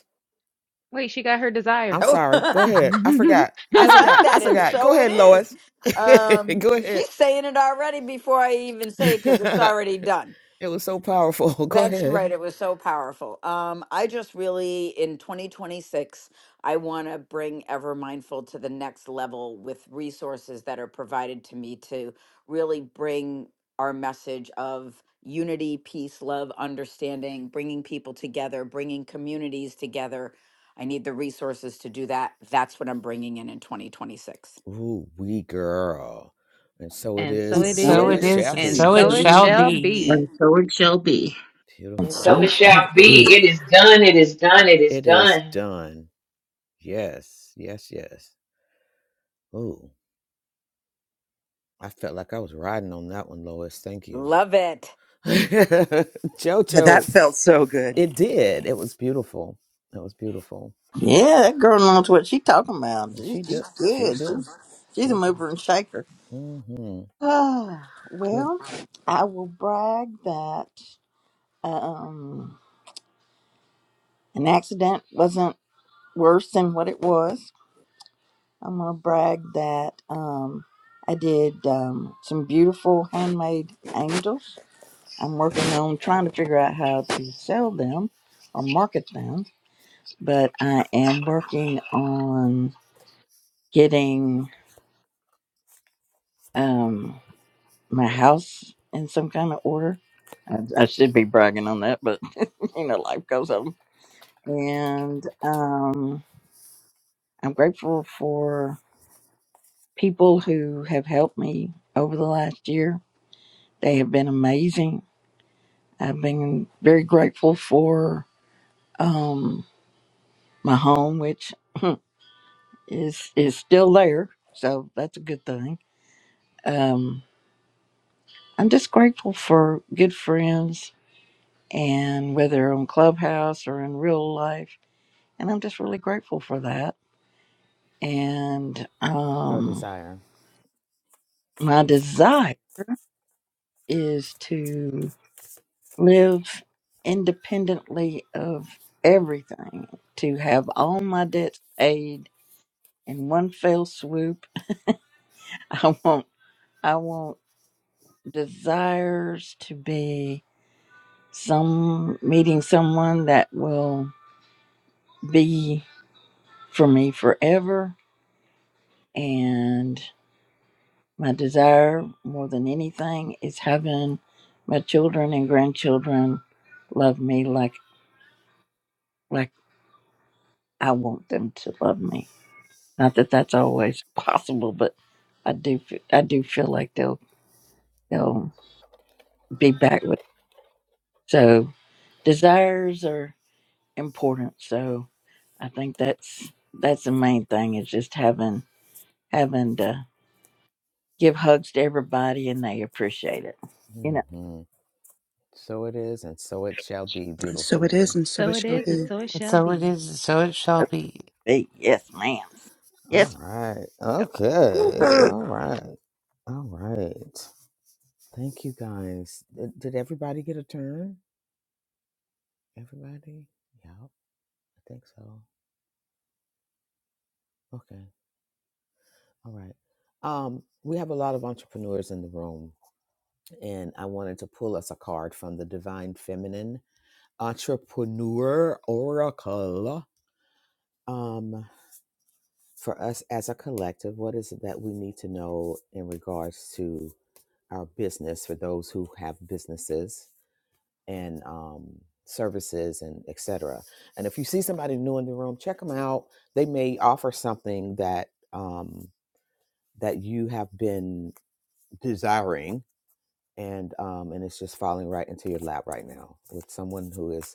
[LAUGHS] Wait, she got her
I'm
desire.
Oh,
sorry.
[LAUGHS]
Go
[LAUGHS]
ahead. I
and
forgot.
I
I
like
forgot. I
that, and
forgot. Go
so it
ahead,
is.
Lois. [LAUGHS]
Um,
Go ahead.
she's saying it already before I even
[LAUGHS]
say it because it's already done.
it was so powerful. [LAUGHS] Go
That's right.
ahead.
It was so powerful. Um, I just really, in 2026, I want to bring Ever Mindful to the next level with resources that are provided to me to really bring our message of unity, peace, love, understanding, bringing people together, bringing communities together. I need the resources to do that. That's what I'm bringing in in 2026.
Ooh, we girl. And so it is,
so
And
and
it
so it
So
so
is,
it
it
is,
is,
shall
and
and
and
be.
so it
so
so
it
it
shall
shall
shall be.
be.
be.
so it shall be.
And
It's So
so
Beautiful.
it shall
good.
be. It is done. It is done. It is
It is
done.
done. Yes, yes, yes. Ooh, I felt like I was riding on that one, Lois. Thank you.
Love it.
[LAUGHS]
Yeah, that
Jojo,
felt so good.
it did. It was beautiful. It was beautiful.
Yeah, that girl knows what she's talking about.
And
She's,
She
she's
do. She
good.
do.
She's, she's a
She do.
mover and shaker. [SIGHS]
Mm-hmm.
Ah,
With
well, I will brag that um, an accident wasn't worse than what it was. I'm going to brag that um, I did um, some beautiful handmade angels. I'm working on trying to figure out how to sell them or market them, but I am working on getting um my house in some kind of order. I, I should be bragging on that, but [LAUGHS] you know, life goes on. And um, I'm grateful for people who have helped me over the last year. They have been amazing. I've been very grateful for um, my home, which [CLEARS THROAT] is is still there, so that's a good thing. Um, I'm just grateful for good friends and whether on Clubhouse or in real life. And I'm just really grateful for that. And
your
um,
desire.
my desire is to live independently of everything, to have all my debts paid in one fell swoop. [LAUGHS] I want, I want desires to be some meeting someone that will be for me forever And My desire more than anything is having my children and grandchildren love me like like I want them to love me. Not that that's always [LAUGHS] possible, but I do f- I do feel like they'll they'll be back with. So desires are important. So I think that's that's the main thing is just having having to give hugs to everybody and they appreciate it. You know,
Mm-hmm. So it is, and so it shall be,
And so
beautiful
it is,
one.
and so
So
it
it
shall
is, and
be.
so it
And
shall
so it
be.
is, and so it
[LAUGHS]
shall
that's
be.
me. yes, ma'am.
All
Yes,
right. Okay. All right. All right. Thank you guys. Did, did everybody get a turn? Everybody? Yeah, I think so. Okay. All right. Um, we have a lot of entrepreneurs in the room, and I wanted to pull us a card from the Divine Feminine Entrepreneur Oracle. Um, for us as a collective, what is it that we need to know in regards to our business for those who have businesses and um, services and et cetera? And if you see somebody new in the room, check them out. They may offer something that um, that you have been desiring, and um, and it's just falling right into your lap right now with someone who is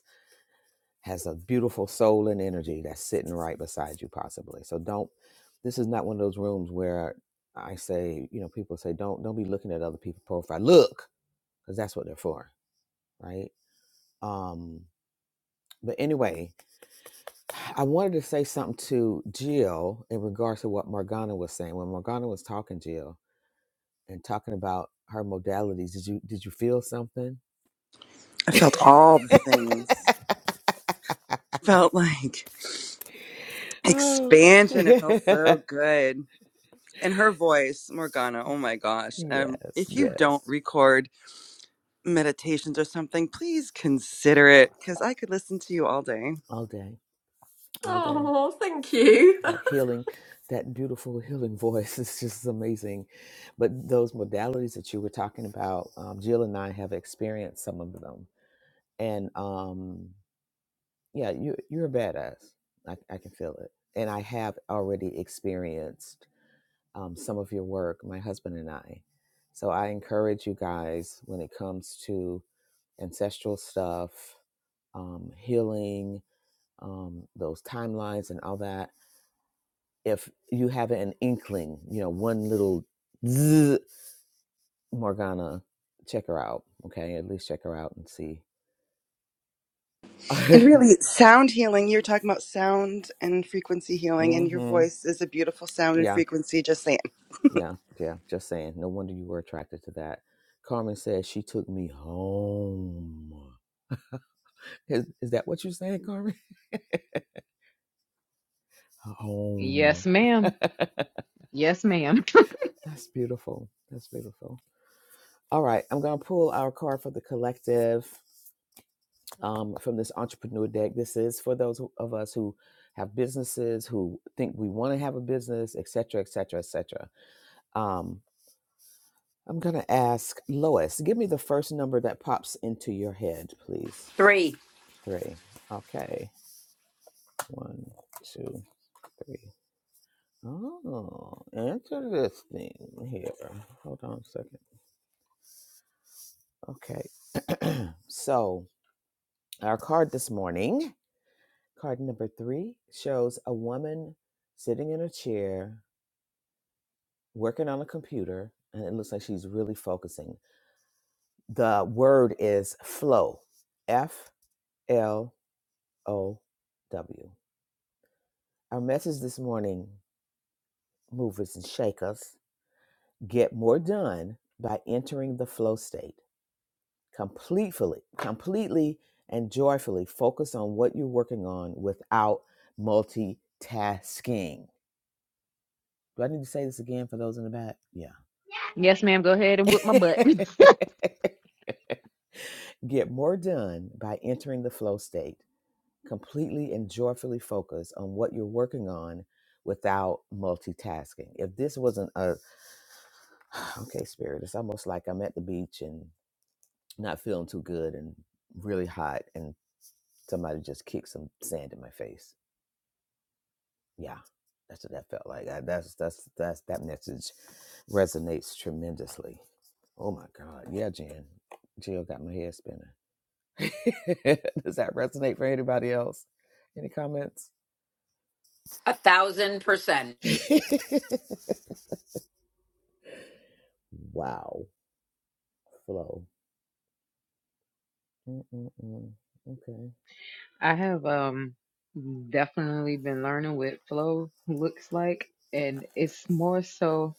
has a beautiful soul and energy that's sitting right beside you possibly so don't this is not one of those rooms where i say you know people say don't don't be looking at other people's profile look because that's what they're for right um but anyway i wanted to say something to jill in regards to what morgana was saying when morgana was talking jill and talking about her modalities did you did you feel something
I felt all the
[LAUGHS]
things. Felt like
oh [LAUGHS]
Expansion. It felt
yes
so good. And her voice, Morgana, oh my gosh. Um, if you don't
yes
record meditations or something, please consider it because I could listen to you all day.
all day all day
Oh, thank you.
that healing, that beautiful [LAUGHS] healing voice is just amazing. But those modalities that you were talking about, um, Jill and I have experienced some of them, and um, yeah, you you're a badass. I, I can feel it, and I have already experienced um, some of your work. My husband and I, so I encourage you guys when it comes to ancestral stuff, um, healing, um, those timelines, and all that if you have an inkling, you know, one little zzz, Morgana, check her out. Okay, at least check her out and see. [LAUGHS]
And
mm
really, sound healing, you were talking about sound and frequency healing, and your
hmm
voice is a beautiful sound and
Yeah,
frequency, just saying. [LAUGHS]
yeah, yeah. Just saying. No wonder you were attracted to that. Carmen says she took me home. Is is that what you're saying, Carmen? [LAUGHS] Home.
Yes, ma'am. Yes, ma'am.
That's beautiful. That's beautiful. All right, I'm gonna pull our card for the collective. um, from this entrepreneur deck. This is for those who- of us who have businesses, who think we want to have a business, et cetera, et cetera, et cetera. Um, I'm going to ask Lois, give me the first number that pops into your head, please.
Three,
Three. Okay. One, two, three. Oh, interesting here. Hold on a second. Okay. [CLEARS THROAT] so, our card this morning, card number three, shows a woman sitting in a chair working on a computer and it looks like she's really focusing. The word is flow. F L O W. Our message this morning, movers and shakers, get more done by entering the flow state. Completely, completely and joyfully focus on what you're working on without multitasking. Do I need to say this again for those in the back? Yeah.
Yes, ma'am. Go ahead and whip my butt. [LAUGHS]
[LAUGHS] Get more done by entering the flow state, completely and joyfully focus on what you're working on without multitasking. If this wasn't a, [SIGHS] okay, Spirit, it's almost like I'm at the beach and not feeling too good and really hot and somebody just kicked some sand in my face. Yeah. That's what that felt like. I, that's that's that's that message resonates tremendously. Oh my God, yeah, Jan, Jill got my head spinning. [LAUGHS] Does that resonate for anybody else? Any comments?
a thousand percent.
[LAUGHS] Wow. Flow. Mm-mm-mm. Okay.
I have um definitely been learning what flow looks like, and it's more so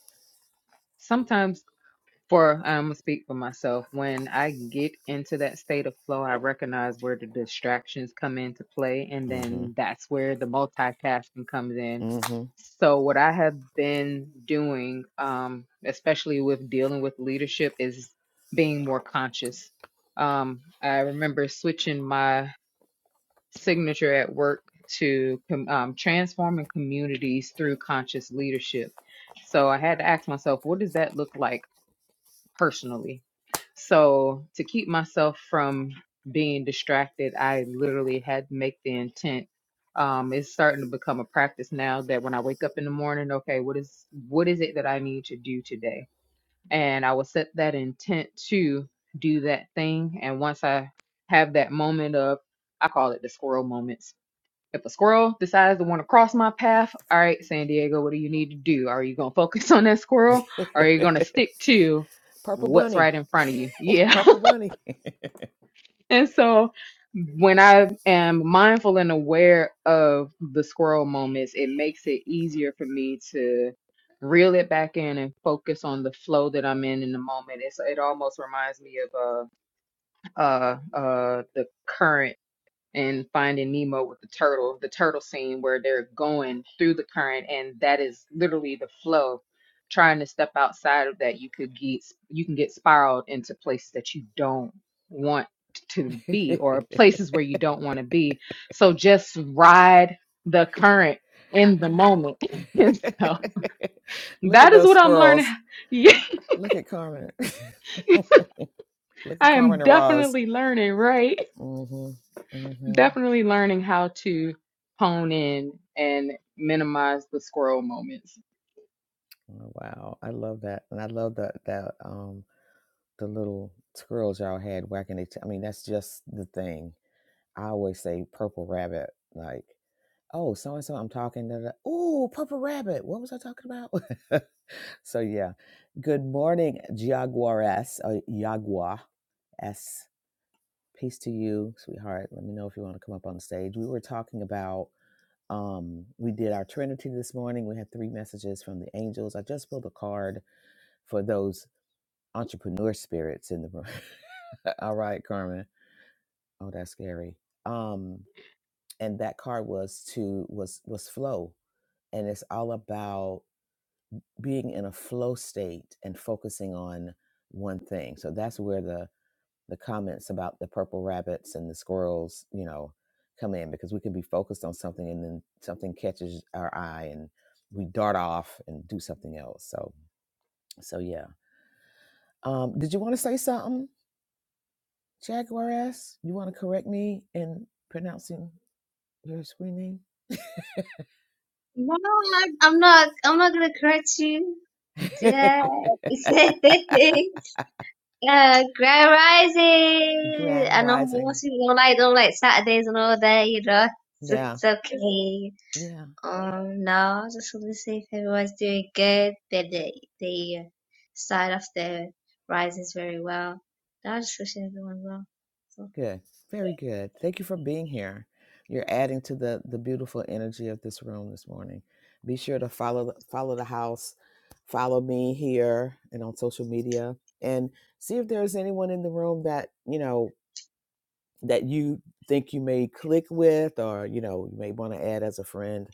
sometimes. for I'm gonna speak for myself. When I get into that state of flow, I recognize where the distractions come into play, and then that's where the multitasking comes in.
hmm hmm
So what I have been doing, um, especially with dealing with leadership, is being more conscious. Um, I remember switching my signature at work to com- um, transforming communities through conscious leadership. So I had to ask myself, what does that look like? personally. So to keep myself from being distracted, I literally had to make the intent. Um, it's starting to become a practice now that when I wake up in the morning, okay, what is what is it that I need to do today? And I will set that intent to do that thing. And once I have that moment of, I call it the squirrel moment. If a squirrel decides to want to cross my path, all right, San Diego, what do you need to do? Are you going to focus [LAUGHS] on that squirrel or are you going to
[LAUGHS]
stick to
Purple
what's
bunny.
right in front of you? Yeah.
Purple bunny.
[LAUGHS] and so when I am mindful and aware of the squirrel moments, it makes it easier for me to reel it back in and focus on the flow that I'm in in the moment. It's, it almost reminds me of uh, uh, uh, the current in Finding Nemo with the turtle, the turtle scene where they're going through the current, and that is literally the flow. Trying to step outside of that, you could get you can get spiraled into places that you don't want to
[LAUGHS]
be, or places where you don't want to be. So just ride the current in the moment. [LAUGHS] And so
Look at
that is
those
what I'm learning.
squirrels.
[LAUGHS] Yeah,
Look at Carmen. [LAUGHS] Look at
I am
Carmen and Roz.
definitely learning, right?
hmm mm hmm
definitely learning how to hone in and minimize the squirrel moments.
Oh, wow. I love that. And I love that that um. the little squirrels y'all had whacking each. I mean, that's just the thing. I always say purple rabbit, like, oh, so and so, I'm talking to oh, purple rabbit. What was I talking about? [LAUGHS] so, yeah. Good morning, Jaguaress, or Jaguar S. Peace to you, sweetheart. Let me know if you want to come up on the stage. We were talking about, um, we did our Trinity this morning. We had three messages from the angels. I just pulled a card for those entrepreneur spirits in the room. [LAUGHS] All right, Carmen. Oh, that's scary. Um, and that card was to was was flow, and it's all about being in a flow state and focusing on one thing. So that's where the the comments about the purple rabbits and the squirrels, you know, come in because we can be focused on something and then something catches our eye and we dart off and do something else. So so yeah. Um, did you want to say something? Jaguaras, you want to correct me in pronouncing your screen name?
No, I'm not. I'm not. I'm not gonna correct you.
[LAUGHS]
Yeah. [LAUGHS] uh, Grand Rising.
Grand
I know
Rising.
most people don't like don't like Saturdays and all that. You know, it's,
Yeah,
it's okay.
yeah,
Um, no, I was just gonna say if everyone's doing good, then they they uh, start off their rises very well. No, I was just wish everyone well.
good, very good. Thank you for being here. You're adding to the the beautiful energy of this room this morning. Be sure to follow follow the house, follow me here and on social media, and see if there's anyone in the room that you know that you think you may click with, or you know you may want to add as a friend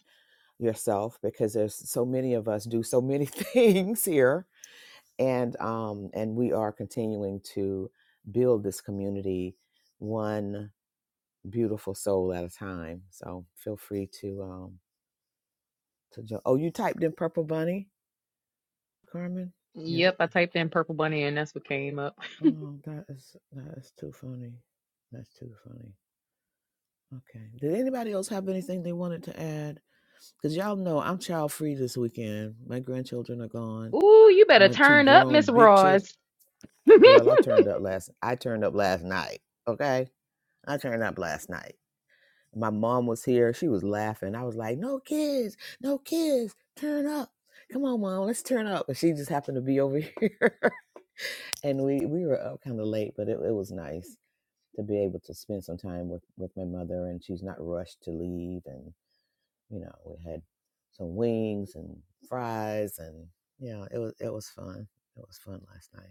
yourself because there's so many of us do so many [LAUGHS] things here and um and we are continuing to build this community one beautiful soul at a time so feel free to um to join. oh you typed in purple bunny carmen yeah th-
Yep, I typed in purple bunny and that's what came up.
oh that is that is too funny that's too funny okay did anybody else have anything they wanted to add because y'all know i'm child free this weekend my grandchildren are
[LAUGHS]
gone
Ooh, you better
my two
turn up,
grown
Miss
big children
Ross.
Girl,
[LAUGHS]
I turned up last I turned up last night. Okay? I turned up last night. My mom was here. She was laughing. I was like, "No kids. No kids. Turn up. Come on, mom. Let's turn up." And she just happened to be over [LAUGHS] here. and we we were up kind of late, but it, it was nice to be able to spend some time with with my mother and she's not rushed to leave and you know, we had some wings and fries and yeah, it was it was fun. It was fun last night.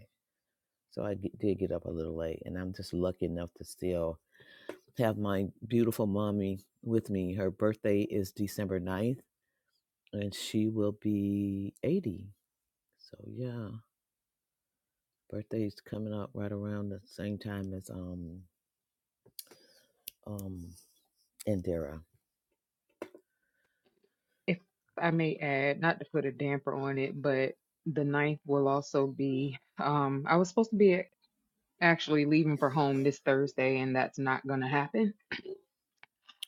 So I g- did get up a little late, and I'm just lucky enough to still have my beautiful mommy with me. Her birthday is December ninth, and she will be 80. So yeah, birthday's coming up right around the same time as um um Indira.
If I may add, not to put a damper on it, but the ninth will also be. Um, I was supposed to be actually leaving for home this Thursday, and that's not going to happen.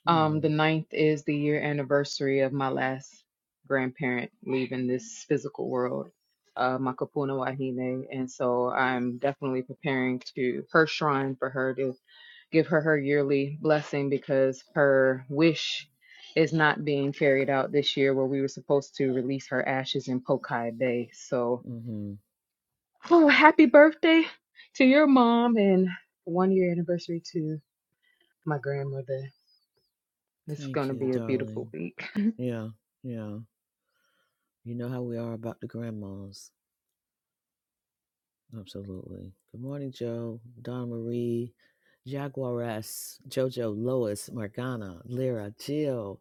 Um, the
Mm,
ninth is the year anniversary of my last grandparent leaving this physical world, uh, my kapuna wahine, and so I'm definitely preparing to her shrine for her to give her her yearly blessing because her wish is not being carried out this year where we were supposed to release her ashes in Pokai Bay. So,
mm-hmm.
oh, happy birthday to your mom and one year anniversary to my grandmother. It's going
Thank
to
you,
be a
darling.
beautiful week.
Yeah, yeah. You know how we are about the grandmas. Absolutely. Good morning, Joe, Donna Marie, Jaguaress, Jojo, Lois, Morgana, Lyra, Jill,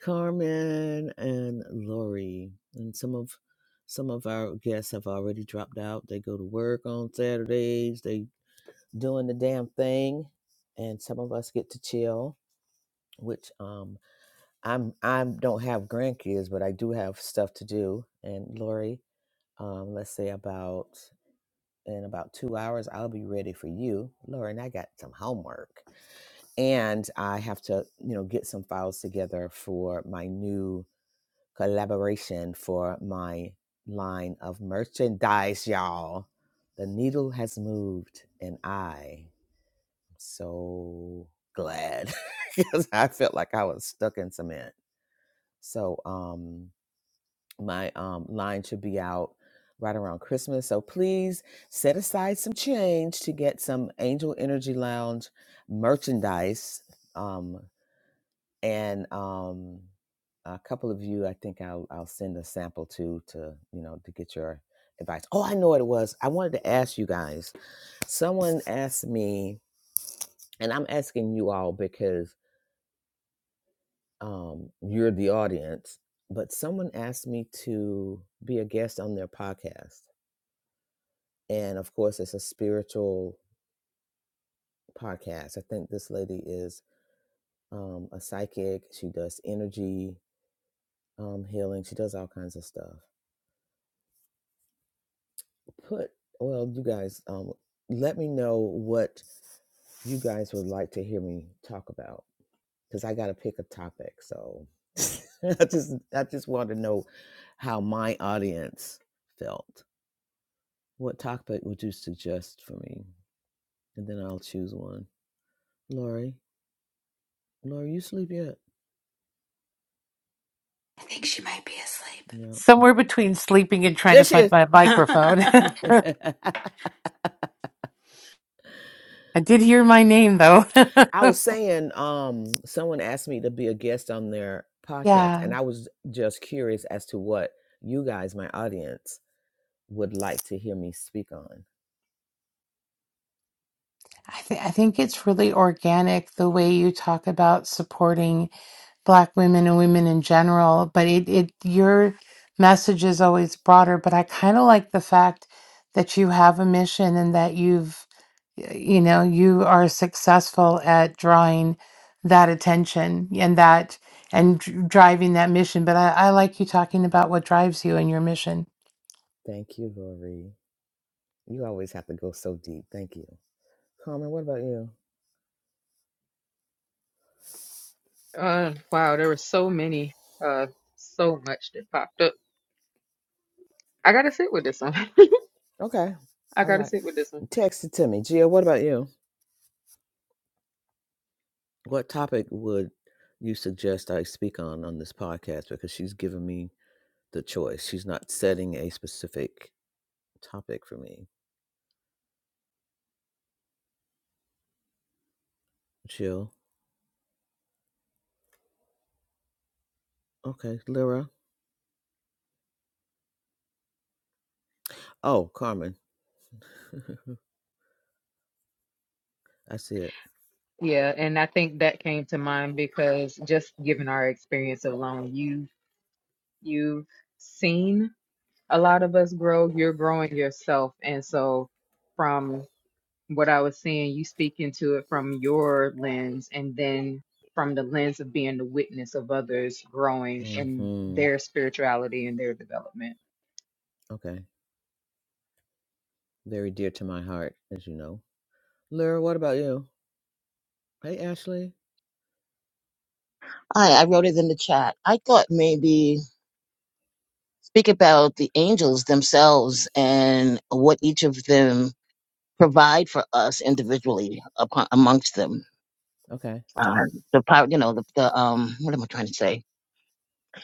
Carmen, and Lori. And some of some of our guests have already dropped out. They go to work on Saturdays. They doing the damn thing. And some of us get to chill, which um I'm I don't have grandkids, but I do have stuff to do. And Lori, um, let's say about in about two hours i'll be ready for you lauren i got some homework and i have to you know get some files together for my new collaboration for my line of merchandise y'all the needle has moved and i am so glad [LAUGHS] because i felt like i was stuck in cement so um my um, line should be out right around Christmas. So please set aside some change to get some Angel Energy Lounge merchandise. Um, and um, a couple of you, I think I'll, I'll send a sample to to you know to get your advice. Oh, I know what it was. I wanted to ask you guys. Someone asked me, and I'm asking you all because um, you're the audience. But someone asked me to be a guest on their podcast and of course it's a spiritual podcast i think this lady is um, a psychic she does energy um, healing she does all kinds of stuff put well you guys um, let me know what you guys would like to hear me talk about because i gotta pick a topic so [LAUGHS] i just i just want to know how my audience felt what topic would you suggest for me and then i'll choose one lori lori you sleep yet
I think she might be
yeah
Somewhere between sleeping and trying to
There she
find my microphone.
asleep. [LAUGHS]
[LAUGHS]
is.
I did hear my name though. [LAUGHS]
[LAUGHS] I was saying, um, someone asked me to be a guest on their podcast,
yeah,
and I was just curious as to what you guys, my audience, would like to hear me speak on.
I, th- I think it's really organic the way you talk about supporting. black women and women in general but it, it your message is always broader but i kind of like the fact that you have a mission and that you've you know you are successful at drawing that attention and that and dr- driving that mission but I, I like you talking about what drives you and your mission
Thank you, Lori. You always have to go so deep. Thank you. Carmen, what about you?
Uh, wow, there were so many, uh, so much that popped up. I gotta sit with this one.
Okay.
[LAUGHS] I
All
gotta
right.
sit with this one.
Text it to me. Gia, what about you? What topic would you suggest I speak on on this podcast? Because she's given me the choice. She's not setting a specific topic for me. Jill. Okay. Lyra. Oh, Carmen. [LAUGHS] I see it.
Yeah, and I think that came to mind because just given our experience alone, you you've seen a lot of us grow. You're growing yourself, and so from what I was seeing, you speak into it from your lens, and then from the lens of being the witness of others growing in
hmm
their spirituality and their development.
Okay. Very dear to my heart, as you know. Lyra, what about you? Hey, Ashley.
I, I wrote it in the chat. I thought maybe speak about the angels themselves and what each of them provide for us individually upon, amongst them.
Okay.
Uh, the power, you know, the, the um, what am I trying to say?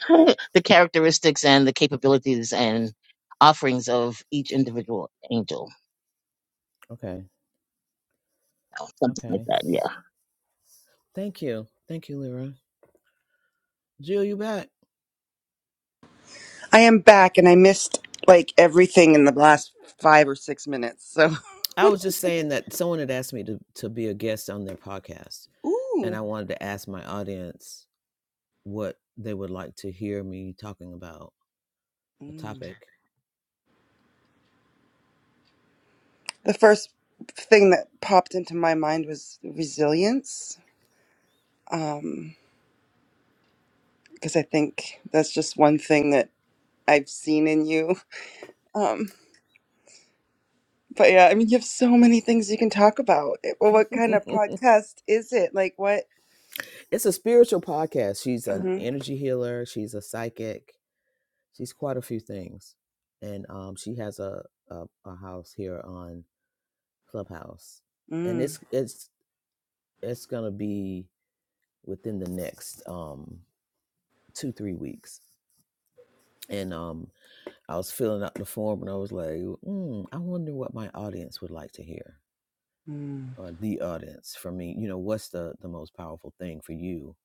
[LAUGHS] the characteristics and the capabilities and offerings of each individual angel.
Okay.
Something like
Okay.
that. yeah.
Thank you. Thank you, Lyra. Jill, you back?
I am back and I missed like everything in the last five or six minutes. So,
I was just saying that someone had asked me to, to be a guest on their podcast, and
[LAUGHS]
I wanted to ask my audience what they would like to hear me talking about a
ooh.
topic
The first thing that popped into my mind was resilience, um, because I think that's just one thing that I've seen in you. [LAUGHS] Um, but yeah, I mean, you have so many things you can talk about. It- Well, what kind of
[LAUGHS]
podcast is it? Like what?
it's a spiritual podcast. She's an
hmm
energy healer. She's a psychic. She's quite a few things, and um, she has a, a a house here on Clubhouse, and
Mm,
it's it's it's gonna be within the next um two three weeks. And um, I was filling out the form, and I was like, mm, I wonder what my audience would like to hear,
mm.
or the audience from me. You know, what's the the most powerful thing for you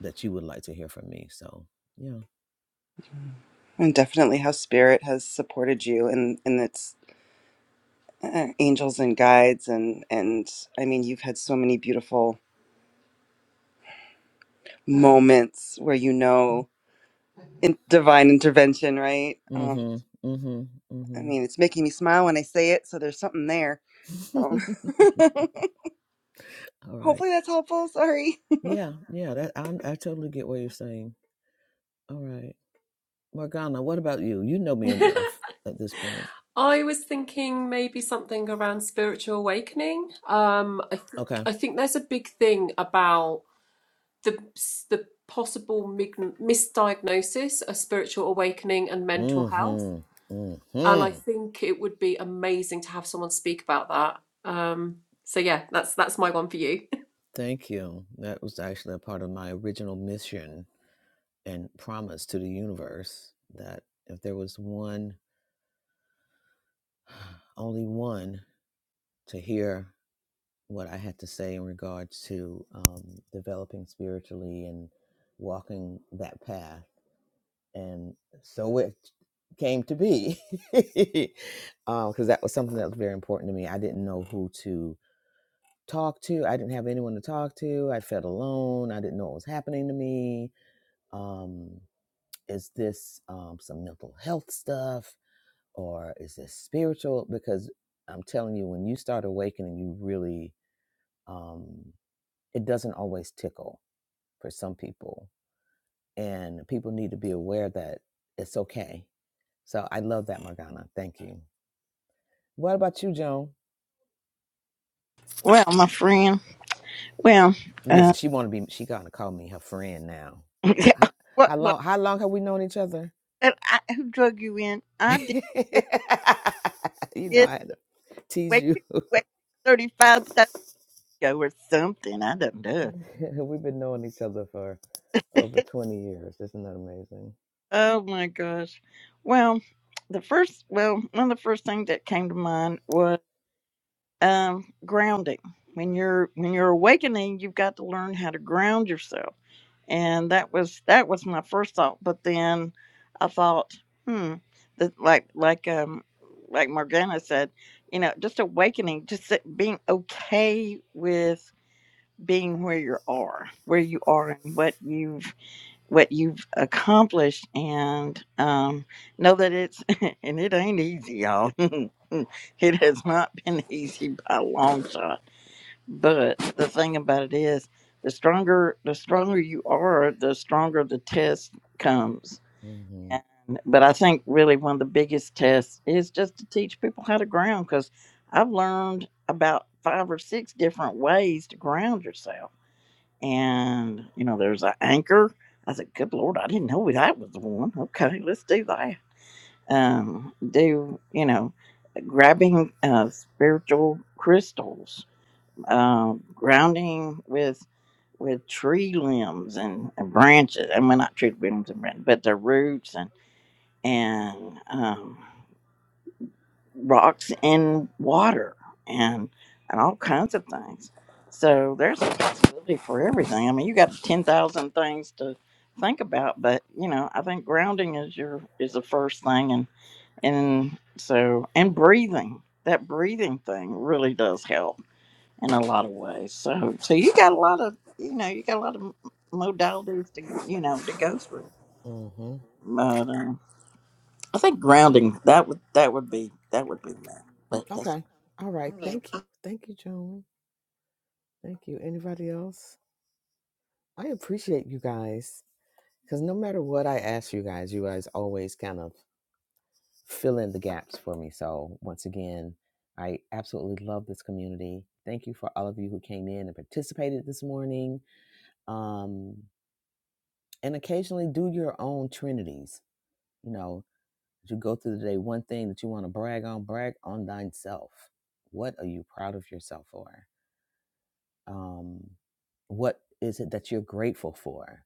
that you would like to hear from me? So yeah.
And definitely how spirit has supported you and and its uh, angels and guides and and I mean, you've had so many beautiful moments where you know in divine intervention, right? Um,
Mm-hmm. Mm-hmm.
I
Mm-hmm.
mean, it's making me smile when I say it, so there's something there. Um, [LAUGHS]
[LAUGHS] All right.
hopefully that's helpful. Sorry.
Yeah, yeah, that I I totally get what you're saying. All right. Morgana, what about you? You know me enough at this point.
I was thinking maybe something around spiritual awakening. Um, I think
Okay.
I think there's a big thing about the the possible misdiagnosis of spiritual awakening and mental health,
Mm-hmm.
and I
Mm-hmm.
think it would be amazing to have someone speak about that. Um, so yeah, that's that's my one for you.
Thank you. That was actually a part of my original mission and promise to the universe that if there was one [SIGHS] only one to hear what I had to say in regards to um, developing spiritually and walking that path. And so it came to be [LAUGHS] because that was something that was very important to me. I didn't know who to talk to, I didn't have anyone to talk to. I felt alone, I didn't know what was happening to me. Um, is this um, some mental health stuff or is this spiritual? Because I'm telling you, when you start awakening, you really. Um, it doesn't always tickle for some people. And people need to be aware that it's okay. So I love that, Morgana. Thank you. What about you, Joan?
Well, my friend. Well,
Listen,
uh,
she wanna be she gonna call me her friend now. How,
[LAUGHS] what?
how
What?
long how long have we known each other?
uh, I, who drug you in?
[LAUGHS]
I
you
did this,
know
this
I had to tease
way
you.
too, way thirty-five years ago or something. I don't know.
[LAUGHS] We've been knowing each other for
[LAUGHS]
over 20 years. Isn't that amazing?
Oh my gosh. Well, the first. Well, one of the first things that came to mind was um, grounding. When you're when you're awakening, you've got to learn how to ground yourself. and that was that was my first thought but then i thought hmm that like like um like morgana said you know just awakening just that being okay with being where you are where you are and what you've what you've accomplished and um know that it's [LAUGHS] and it ain't easy y'all [LAUGHS] it has not been [LAUGHS] easy by a long shot but the thing about it is, the stronger the stronger you are, the stronger the test comes.
hmm
And, but I think really one of the biggest tests is just to teach people how to ground because I've learned about five or six different ways to ground yourself. And you know, there's an anchor. I said, "Good Lord, I didn't know that was the one." Okay, let's do that. Um, do you know, grabbing uh, spiritual crystals um, grounding with with tree limbs and, and branches. I mean, not tree limbs and branches, but the roots and and um, rocks in water and and all kinds of things. So there's a possibility for everything. I mean, you got ten thousand things to think about, but you know, I think grounding is your is the first thing, and and so and breathing. That breathing thing really does help in a lot of ways. So, so you got a lot of, you know, you got a lot of modalities to, you know, to go through.
hmm
But um, I think grounding that would that would be that would be that.
Okay. All right. Thank you. Thank you, Joan. Thank you. Anybody else? I appreciate you guys because no matter what I ask you guys, you guys always kind of fill in the gaps for me. So, once again, I absolutely love this community. Thank you for all of you who came in and participated this morning. Um, and occasionally do your own trinities. You know, as you go through the day, one thing that you want to brag on, brag on thyself. What are you proud of yourself for? Um, what is it that you're grateful for?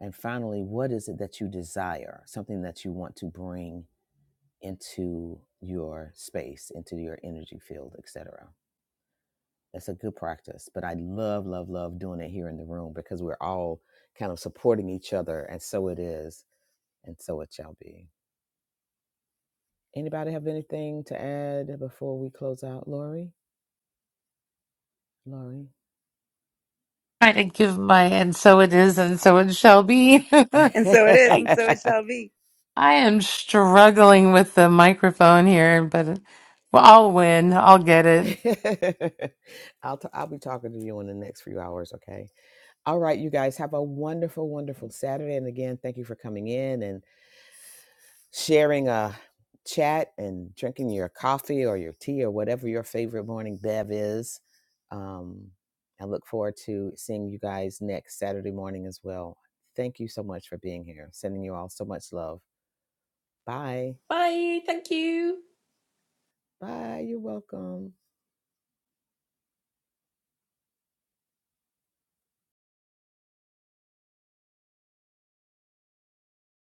And finally, what is it that you desire? Something that you want to bring into your space, into your energy field, etc. That's a good practice. But I love, love, love doing it here in the room because we're all kind of supporting each other. And so it is, and so it shall be. Anybody have anything to add before we close out? Lori? Lori?
trying to give my and so it is and so it shall be [LAUGHS]
And so it is,
I
and so it shall
[LAUGHS]
be.
I am struggling with the microphone here, but well, I'll win. I'll get it.
I'll, t- I'll be talking to you in the next few hours, Okay. All right, you guys have a wonderful, wonderful Saturday. And again, thank you for coming in and sharing a chat and drinking your coffee or your tea or whatever your favorite morning bev is. Um, I look forward to seeing you guys next Saturday morning as well. Thank you so much for being here. Sending you all so much love. Bye.
[LAUGHS] Bye. Thank you.
Bye. You're welcome.